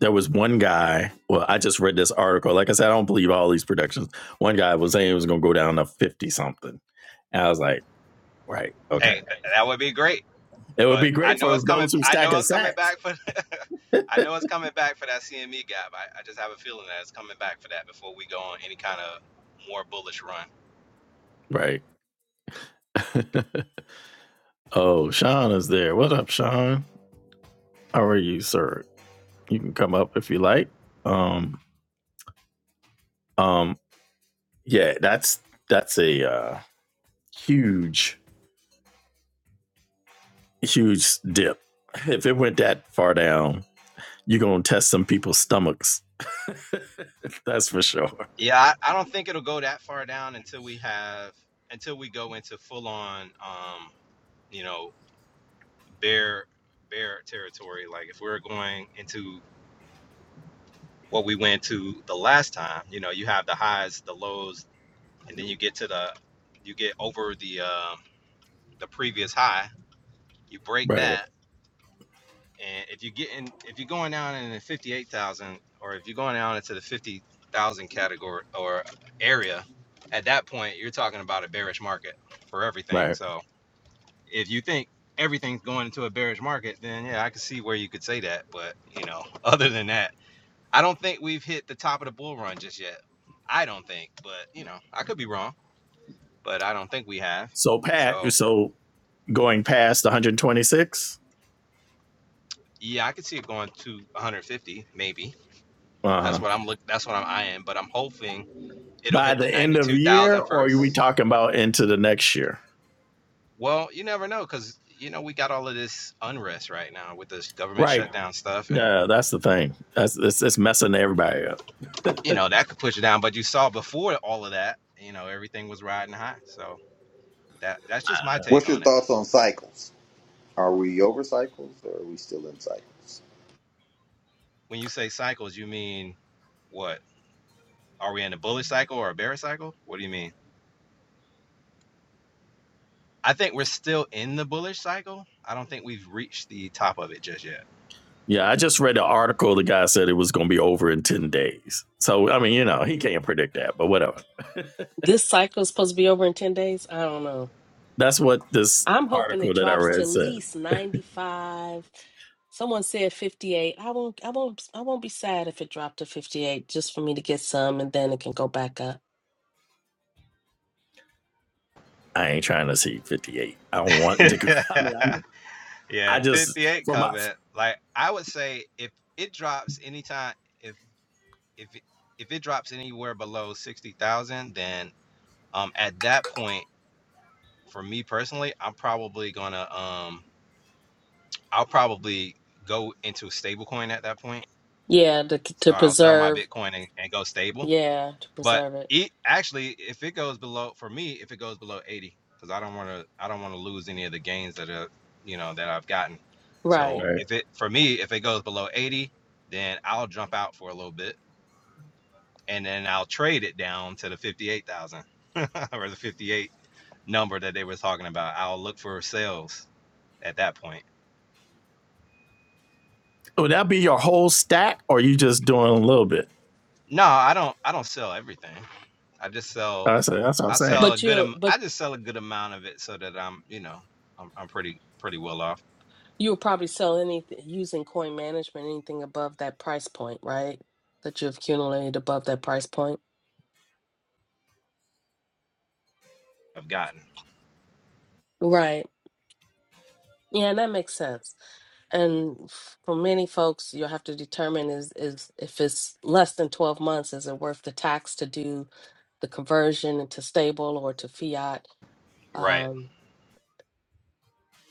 A: there was one guy. Well, I just read this article. Like I said, I don't believe all these predictions. One guy was saying it was going to go down to fifty something. And I was like, right,
C: Hey,
A: okay.
C: th- that would be great.
A: It would
C: But
A: be
C: I
A: great
C: know
A: for
C: it's coming.
A: those who
C: I
A: stack
C: know
A: and
C: it's coming
A: sacks.
C: back for. I know it's coming back for that CME gap. I, I just have a feeling that it's coming back for that before we go on any kind of more bullish run.
A: Right. oh, Sean is there. What up, Sean? How are you, sir? You can come up if you like. Um, um, Yeah, that's that's a uh, huge, huge dip. If it went that far down, you're gonna test some people's stomachs. That's for sure.
C: Yeah, I, I don't think it'll go that far down until we have until we go into full on, um, you know, bear bear territory. Like if we're going into what we went to the last time, you know, you have the highs, the lows, and then you get to the you get over the uh, the previous high. You break
A: Right,
C: that And if you get in, if you're going down in the 58,000 or if you're going down into the 50,000 category or area, at that point, you're talking about a bearish market for everything.
A: right.
C: So if you think everything's going into a bearish market, then yeah, I can see where you could say that. But, you know, other than that, I don't think we've hit the top of the bull run just yet. I don't think, but, you know, I could be wrong, but I don't think we have.
A: So Pat,
C: So
A: so going past 126
C: yeah, I could see it going to 150, maybe. That's
A: uh-huh.
C: what I'm look. That's what I'm eyeing. But I'm hoping it'll
A: by
C: hit
A: the
C: the
A: end of
C: ninety-two
A: the year,
C: thousand
A: or
C: first.
A: are we talking about into the next year?
C: Well, you never know because, you know, we got all of this unrest right now with this government
A: Right.
C: shutdown stuff. And,
A: Yeah, that's the thing. That's it's, it's messing everybody up.
C: you know, that could push it down. But you saw before all of that, you know, everything was riding high. So that that's just my take
B: What's your
C: on it.
B: thoughts on cycles? Are we over cycles, or are we still in cycles?
C: When you say cycles, you mean what? Are we in a bullish cycle or a bearish cycle? What do you mean? I think we're still in the bullish cycle. I don't think we've reached the top of it just yet.
A: Yeah, I just read an article. The guy said it was going to be over in ten days. So I mean, you know, he can't predict that, but whatever.
D: This cycle is supposed to be over in 10 days. I don't know.
A: That's what this
D: I'm hoping it
A: article that I
D: drops to
A: read
D: at
A: said.
D: least 95. Someone said 58. I won't I won't I won't be sad if it dropped to 58 just for me to get some and then it can go back up.
A: I ain't trying to see 58. I don't want to go. I mean, I know.
C: Yeah,
A: I just,
C: 58
A: for my,
C: comment. Like I would say if it drops anytime if if it- if it drops anywhere below 60,000, then um at that point for me personally, I'm probably going to um I'll probably go into stablecoin at that point.
D: Yeah, to to
C: So I'll sell my
D: preserve.
C: Bitcoin and, and go stable.
D: Yeah, to
C: But
D: preserve it.
C: it actually, if it goes below, for me, if it goes below 80, because I don't want to, I don't want to lose any of the gains that are, you know, that I've gotten.
D: Right.
C: So
A: right.
C: if it, for me, if it goes below 80, then I'll jump out for a little bit and then I'll trade it down to the 58,000 or the 58 number that they were talking about. I'll look for sales at that point.
A: would that be your whole stack or you just doing a little bit?
C: No, I don't, I don't sell everything. I just sell,
A: I said, that's what I'm
C: I
A: saying.
C: sell a
D: But
C: good,
D: you
C: am-
D: but
C: I just sell a good amount of it so that I'm, you know, I'm, I'm pretty, pretty well off.
D: you would probably sell anything using coin management anything above that price point, right? That you have accumulated above that price point.
C: i have gotten.
D: Right. Yeah, that makes sense. And for many folks, you'll have to determine is is if it's less than 12 months, is it worth the tax to do the conversion to stable or to fiat?
C: Right.
D: Um,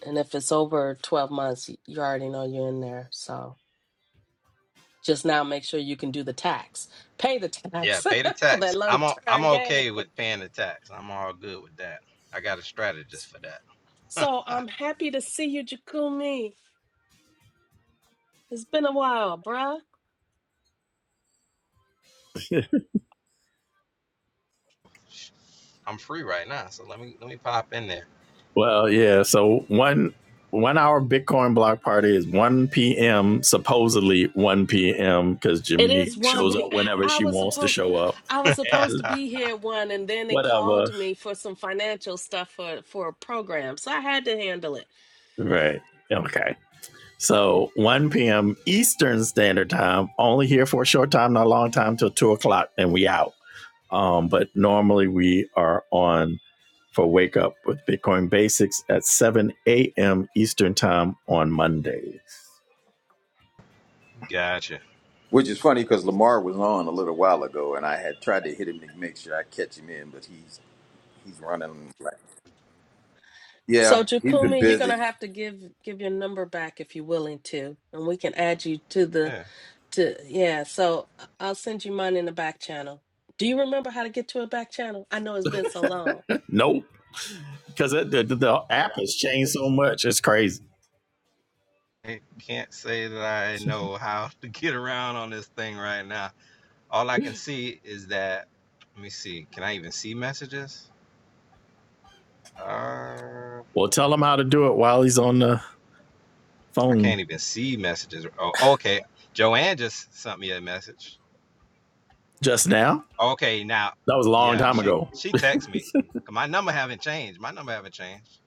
D: and if it's over 12 months, y- you already know you're in there. So just now make sure you can do the tax, pay the
C: Yeah,
D: tax
C: pay the
D: for that
C: tax. I'm o- I'm
D: long-term gain.
C: okay with paying the tax. I'm all good with that. I got a strategist for that. Huh,
D: So I'm happy to see you, Jakumi. It's been a while, bruh.
C: I'm free right now, so let me let me pop in there.
A: Well, yeah. So one one hour Bitcoin block party is one p.m. Supposedly one p.m. because
D: It
A: Jiminy
D: is one.
A: shows up
D: P-
A: whenever
D: I
A: she
D: was
A: wants to
D: supposed,
A: show up,
D: I was supposed
A: and
D: to be here at one, and then they
A: whatever.
D: called me for some financial stuff for for a program, so I had to handle it.
A: Right. Okay. So one p.m. Eastern Standard Time. Only here for a short time, not a long time, till two o'clock, and we out. Um, but normally we are on for Wake Up with Bitcoin Basics at seven a.m. Eastern Time on Mondays.
C: gotcha.
B: Which is funny because Lamar was on a little while ago, and I had tried to hit him to make sure I catch him in, but he's he's running. Like,
D: So
B: yeah, he's been
D: Jakumi, you're gonna
B: busy.
D: have to give give your number back if you're willing to, and we can add you to the
C: Yeah.
D: to yeah. So I- I'll send you mine in the back channel. Do you remember how to get to a back channel? I know it's been so long.
A: Nope, because the, the, the app has changed so much. It's crazy.
C: I can't say that I know how to get around on this thing right now. All I can see is that let me see. Can I even see messages? Uh
A: Well, tell him how to do it while he's on the
C: I
A: phone
C: can't even see messages. Oh, okay. Joanne just sent me a message.
A: just now.
C: Okay, now,
A: That was a long
C: yeah,
A: time
C: she
A: ago.
C: she texted me. 'Cause My number haven't changed. My number haven't changed.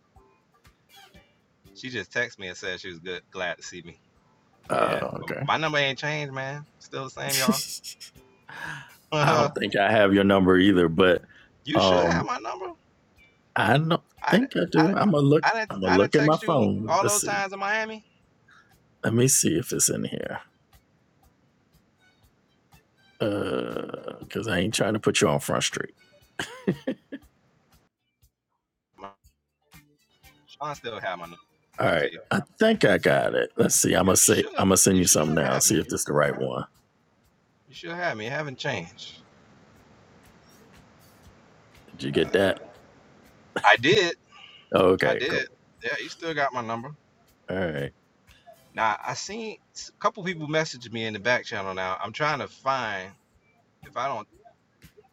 C: She just texted me and said she was good, glad to see me. Yeah,
A: Uh,
C: but
A: okay.
C: my number ain't changed, man. Still the same, y'all.
A: I don't think I have your number either, but
C: you should have
A: um,
C: my number.
A: I don't
C: I did
A: think I
C: I
A: do.
C: did
A: I'm gonna look.
C: I didn't,
A: I'm gonna
C: I didn't
A: look at my
C: text you
A: phone.
C: all
A: Let's
C: those
A: see.
C: times in Miami.
A: Let me see if it's in here. Uh, because I ain't trying to put you on front street.
C: My, Sean still have my number.
A: All
C: Let's
A: right.
C: see.
A: I think I got it. Let's see. I'm gonna
C: You
A: say
C: should,
A: I'm gonna send
C: you
A: you something
C: should
A: now.
C: have
A: See
C: me.
A: if this is the right one.
C: You should have me. It haven't changed.
A: Did you
C: Uh,
A: get that?
C: I did, I
A: Okay,
C: did.
A: cool.
C: Yeah, you still got my number.
A: All right.
C: Now I seen a couple people message me in the back channel. Now I'm trying to find if I don't.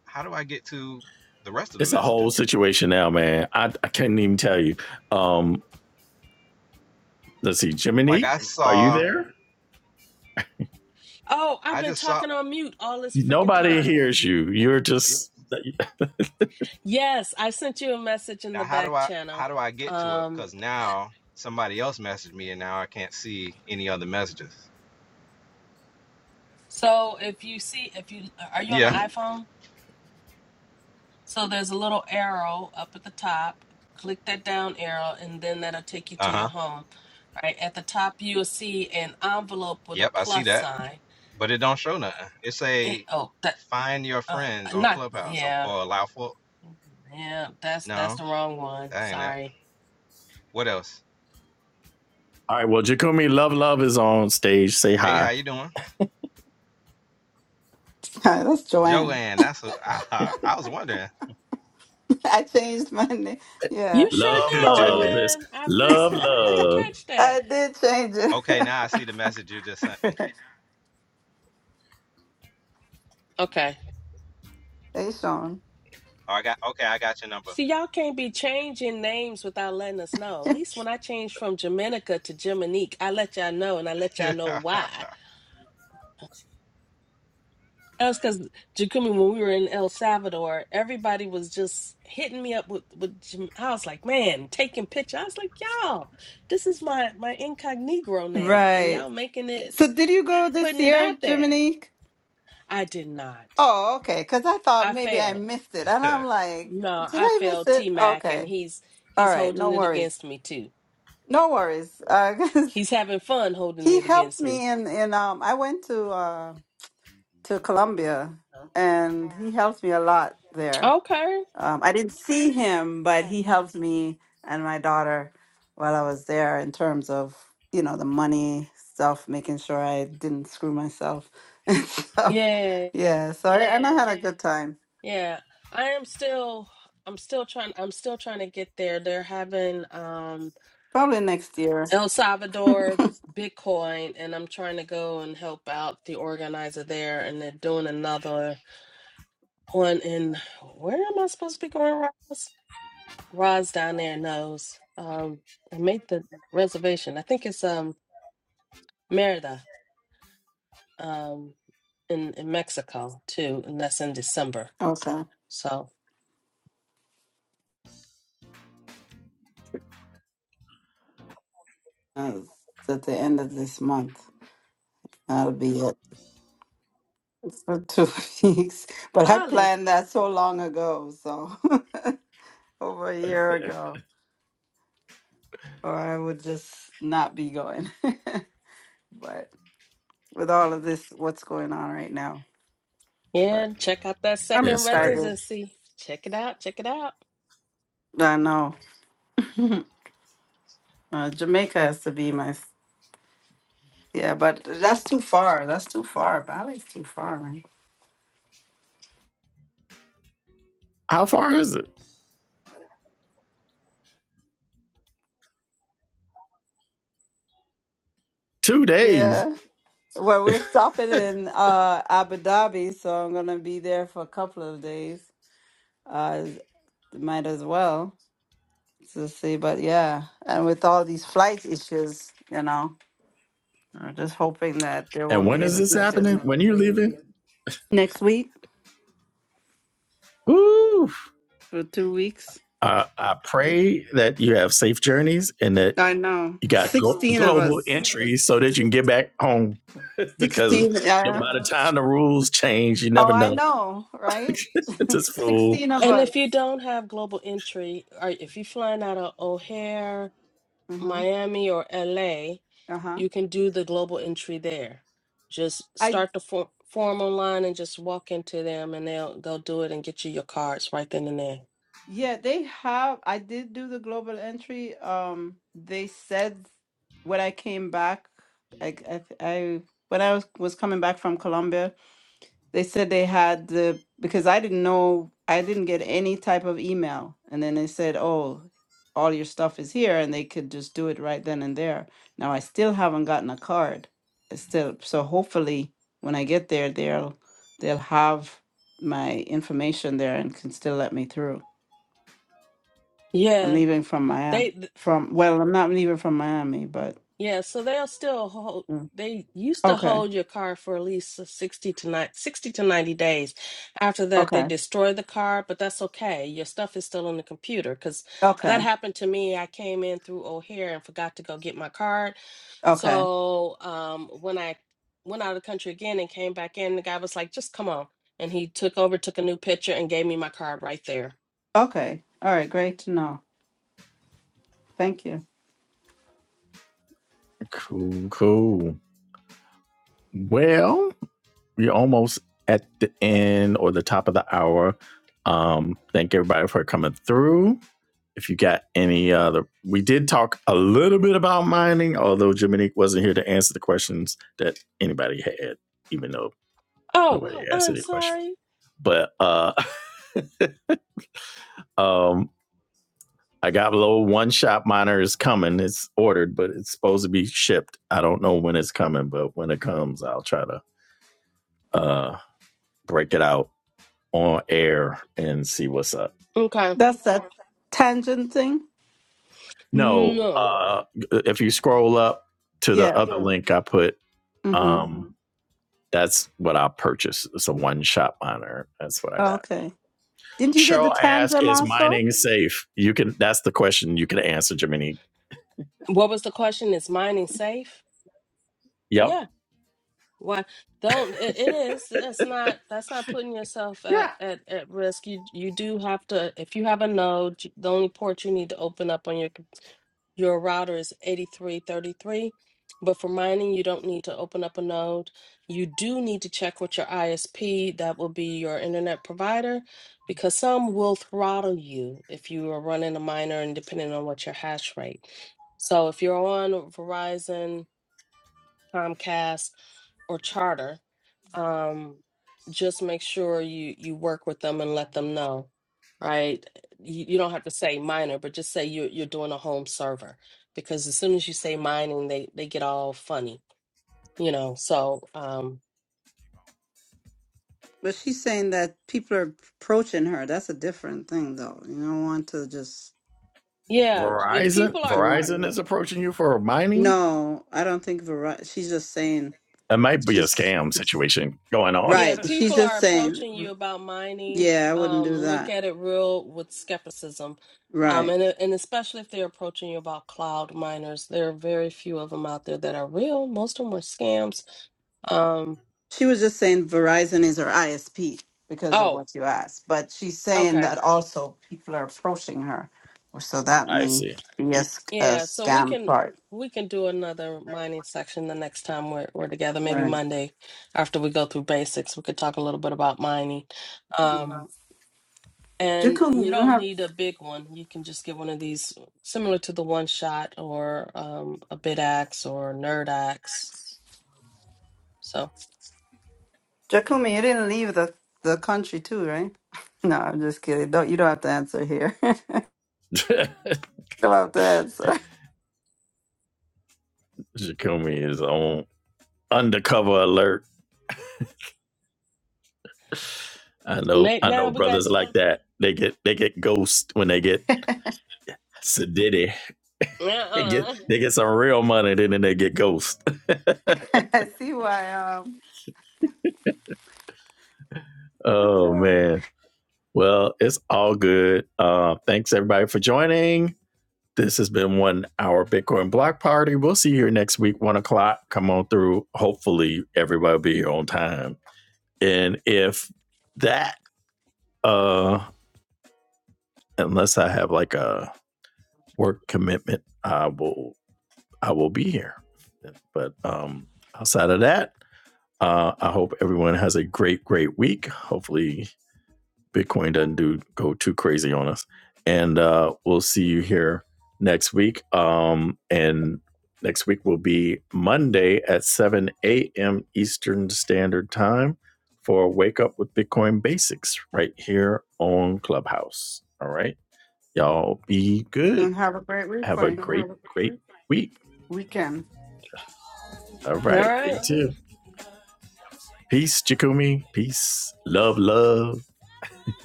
C: How do I get to the rest of the
A: It's a whole
C: messages?
A: situation now, man. I, I can not even tell you. Um, let's see.
C: Like
A: Jiminy,
C: I
A: are you
C: saw,
A: there?
D: Oh, I've
C: I
D: been
C: just saw.
D: talking on mute all this freaking
A: Nobody
D: time.
A: hears you. You're just
D: Yes, I sent you a message in
C: Now
D: the
C: how do
D: back
C: I
D: channel.
C: how do I get to it?
D: Um,
C: Because now somebody else messaged me, and now I can't see any other messages.
D: So if you see, if you uh, are you on an
C: Yeah.
D: iPhone? So there's a little arrow up at the top. Click that down arrow, and then that'll take you to
C: Uh
D: your
C: huh.
D: home. Right at the top, you'll see an envelope with a
C: Yep. I see
D: plus
C: that,
D: sign.
C: but it don't show nothing. It
D: Eh,
C: say
D: oh, that
C: find your
D: uh,
C: friends on
D: not
C: Clubhouse um,
D: yeah,
C: or allow for.
D: yeah. That's that's
C: No,
D: the wrong one.
C: that ain't it.
D: Sorry.
C: What else?
A: all right. Well, Jacumi, love, love is on stage. Say
C: Hey,
A: hi.
C: how you doing?
E: that's Joanne.
C: Joanne, that's a aha. I was wondering.
E: I changed my name. Yeah.
D: You sure
A: Love,
D: did,
E: How are you?
A: love. It's
D: Joanne. I
A: love,
D: missed. I didn't
A: love.
D: catch
E: I
D: that.
E: did change it.
C: okay, now I see the message you just sent me.
D: Okay.
E: hey, Sean.
C: Oh, I got okay. I got your number.
D: See, y'all can't be changing names without letting us know. At least when I changed from Jaminica to Jiminique, I let y'all know and I let y'all know why. That was because Jacumi. when we were in El Salvador, everybody was just hitting me up with, with Jam- I was like, man, taking pictures. I was like, y'all, this is my, my incognito name and
E: Right.
D: y'all making it,
E: So, did you go this
D: putting it
E: year,
D: out there.
E: Dominique?
D: I did not.
E: Oh, okay. Because I thought
D: I
E: maybe I
D: failed.
E: missed it. And I'm like,
D: No,
E: did
D: I
E: I miss
D: failed T
E: it?
D: Mac
E: Okay.
D: and he's,
E: All
D: he's
E: right. No
D: holding it
E: worries.
D: against me too.
E: No worries. Uh, 'cause
D: He's having fun holding
E: he
D: it
E: helped
D: against me.
E: me in, in um, I went to, uh, to Colombia and he helped me a lot there.
D: Okay.
E: Um, I didn't see him, but he helped me and my daughter while I was there in terms of, you know, the money stuff, making sure I didn't screw myself and stuff.
D: Yeah.
E: Yeah, so I, and I had a good time.
D: Yeah. I am still I'm still trying I'm still trying to get there. They're having um
E: Probably next year.
D: El Salvador Bitcoin and I'm trying to go and help out the organizer there and they're doing another one in where am I supposed to be going, Roz? Roz down there knows. Um I made the reservation. I think it's um Merida um in, in Mexico too, and that's in December.
E: Okay.
D: So
E: Uh, It's at the end of this month. That'll be it. It's For two weeks. But I
D: Bali.
E: planned that so long ago, so over a year ago, or I would just not be going. but with all of this what's going on right now.
D: Yeah,
E: But
D: check out that
E: I'm
D: second
A: It's
E: excited.
A: crazy.
D: residency. Check it out. Check it out.
E: I know uh, Jamaica has to be my s- yeah, but that's too far. That's too far. Bali's too far, man.
A: How far is it? Two days.
E: Yeah. Well, we're stopping in uh, Abu Dhabi, so I'm gonna be there for a couple of days. Uh, might as well to see. But yeah, and with all these flight issues, you know, I'm just hoping that there
A: And
E: won't
A: when
E: be
A: is
E: any
A: this
E: issues
A: happening? When you're leaving?
E: next week
A: Woo!
E: for two weeks.
A: I, I pray that you have safe journeys and that
E: I know.
A: you got go-
E: 16 of
A: global
E: us.
A: entries so that you can get back home. Because
E: 16.
A: the-
E: Yeah.
A: by the time the rules change, you
E: Oh,
A: never
E: I
A: know.
E: know, right?
A: Just fool.
E: 16 of
D: And
E: us.
D: if you don't have global entry, or if you're flying out of O'Hare,
E: Mm-hmm.
D: Miami, or LA,
E: Uh-huh.
D: you can do the global entry there. Just
E: I
D: start the for form online and just walk into them, and they'll they'll do it and get you your cards right then and there.
E: yeah, they have I did do the global entry. Um they said when I came back, I I, I when I was, was coming back from Colombia, They said they had the because I didn't know I didn't get any type of email, and then they said, "Oh, all your stuff is here," and they could just do it right then and there. Now I still haven't gotten a card. It's still so hopefully when I get there, they'll they'll have my information there and can still let me through. I'm
D: Yeah,
E: leaving from Miami.
D: they.
E: From well, I'm not leaving from Miami, but
D: Yeah, so they'll still hold,
E: mm.
D: they used to
E: okay,
D: hold your car for at least s- 60 to 90, 60 to 90 days. After that, they
E: okay,
D: destroy the car, but that's okay. Your stuff is still on the computer because that
E: okay,
D: happened to me. I came in through O'Hare and forgot to go get my card.
E: okay,
D: So um, when I went out of the country again and came back in, the guy was like, just come on. And he took over, took a new picture, and gave me my card right there.
E: okay. All right, great to know. Thank you.
A: Cool, cool. Well, we're almost at the end or the top of the hour. Um, thank everybody for coming through. If you got any other, we did talk a little bit about mining, although Jiminique wasn't here to answer the questions that anybody had, even though
D: Oh,
A: nobody asked
D: I'm
A: any questions.
D: sorry.
A: But uh, um, I got low one shop miner is coming. It's ordered, but it's supposed to be shipped. I don't know when it's coming, but when it comes, I'll try to uh, break it out on air and see what's up.
D: Okay.
E: That's that tangent thing?
A: No,
D: No.
A: uh, if you scroll up to the
E: Yeah.
A: other link I put,
E: Mm-hmm.
A: um, that's what I purchased. It's a one shot monitor. That's what I got.
E: Okay. Didn't you get the
A: Cheryl asked,
E: tangent
A: "Is
E: also?
A: mining safe?" You can. That's the question you can answer, Jiminy.
D: What was the question? Is mining safe?
A: Yep.
D: Yeah. Why don't it, it is it's not that's not putting yourself
A: Yeah.
D: at, at at risk. You you do have to if you have a node, you- the only port you need to open up on your com- your router is 8333. But for mining, you don't need to open up a node. You do need to check with your ISP, that will be your internet provider, because some will throttle you if you are running a miner and depending on what your hash rate. So if you're on Verizon, Comcast, or charter, um, just make sure you you work with them and let them know, right? You, you don't have to say minor, but just say you're you're doing a home server because as soon as you say mining, they they get all funny, you know. So um,
E: But she's saying that people are approaching her. That's a different thing, though. You don't want to just
D: yeah, if
A: Verizon.
D: people are
E: do.
A: Verizon is approaching you for mining.
E: No, I don't think Ver. She's just saying
A: It might be a
E: she's
A: scam situation going on.
D: Yeah,
E: right.
D: if
E: She's
D: people
E: just
D: are
E: saying,
D: approaching you about mining,
E: yeah, I wouldn't
D: um,
E: do
D: look
E: that.
D: at it real with skepticism. Um,
E: Right.
D: and uh, and especially if they're approaching you about cloud miners, there are very few of them out there that are real. Most of them are scams. Um,
E: She was just saying Verizon is her ISP because of
D: oh,
E: what you asked, but she's saying
D: okay.
E: that also people are approaching her, or so that
A: I
E: may
A: see.
E: be a, sc- a
D: Yeah, so we
E: scam
D: can
E: part.
D: we can do another mining section the next time we're we're together, maybe
E: Right.
D: Monday after we go through basics. We could talk a little bit about mining.
E: Mhm.
D: Um, And
E: Jacumi,
D: you
E: you don't
D: don't
E: have
D: need a big one. You can just get one of these similar to the one shot or um, a bit axe or nerd axe. So
E: Jacumi. You didn't leave the the country too, right? No, I'm just kidding. Don't you don't have to answer here. you don't have to answer.
A: Jakumi is on undercover alert. I know.
D: ma-
A: I know
D: now we got.
A: brothers like that. They get they get ghost when they get So a ditty. They get
D: Uh-uh.
A: they get some real money, then then they get ghost.
E: I see why.
A: Oh
E: Um,
A: man. Well, it's all good. Uh, thanks everybody for joining. This has been one hour Bitcoin block party. We'll see you here next week, one o'clock. Come on through. Hopefully everybody will be here on time. And if that uh unless I have like a work commitment, I will I will be here. But um outside of that, Uh, I hope everyone has a great, great week. Hopefully, Bitcoin doesn't do go too crazy on us, and uh, we'll see you here next week. Um, and next week will be Monday at 7 a.m. Eastern Standard Time for Wake Up with Bitcoin Basics right here on Clubhouse. All right, y'all be good.
E: and have a great
A: Have a
E: weekend.
A: great, great week.
E: Weekend.
A: All
D: All
A: right, you
D: right.
A: too. Peace, Jakumi. Peace, love, love.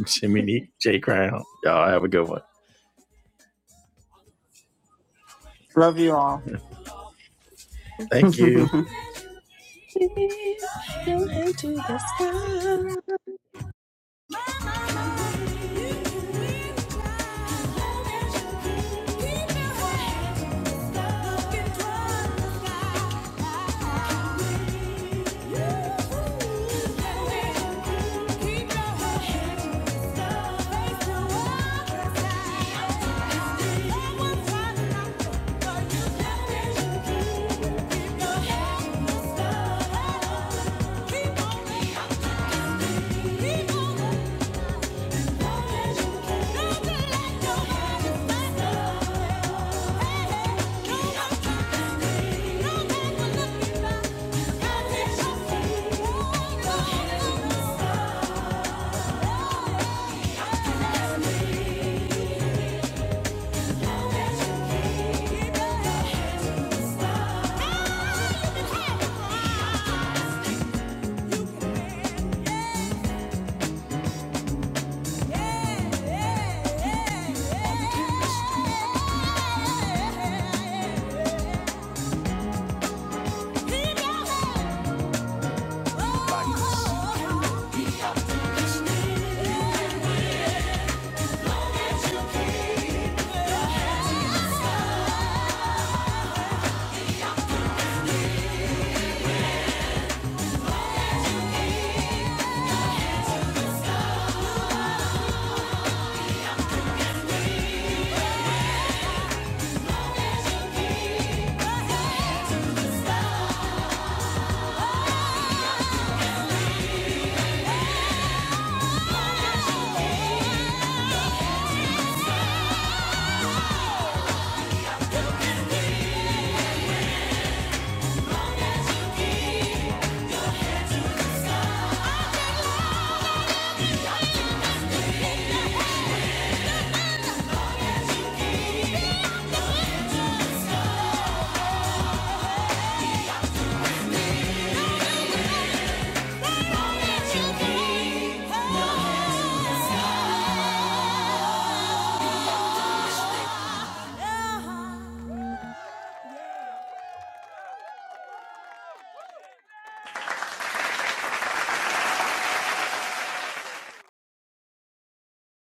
A: Jiminy J Crown. Y'all have a good one.
E: Love you all.
A: Thank you.
D: Leave your hand to the sky.
A: Keep your head in the sky. Keep yeah. Yeah.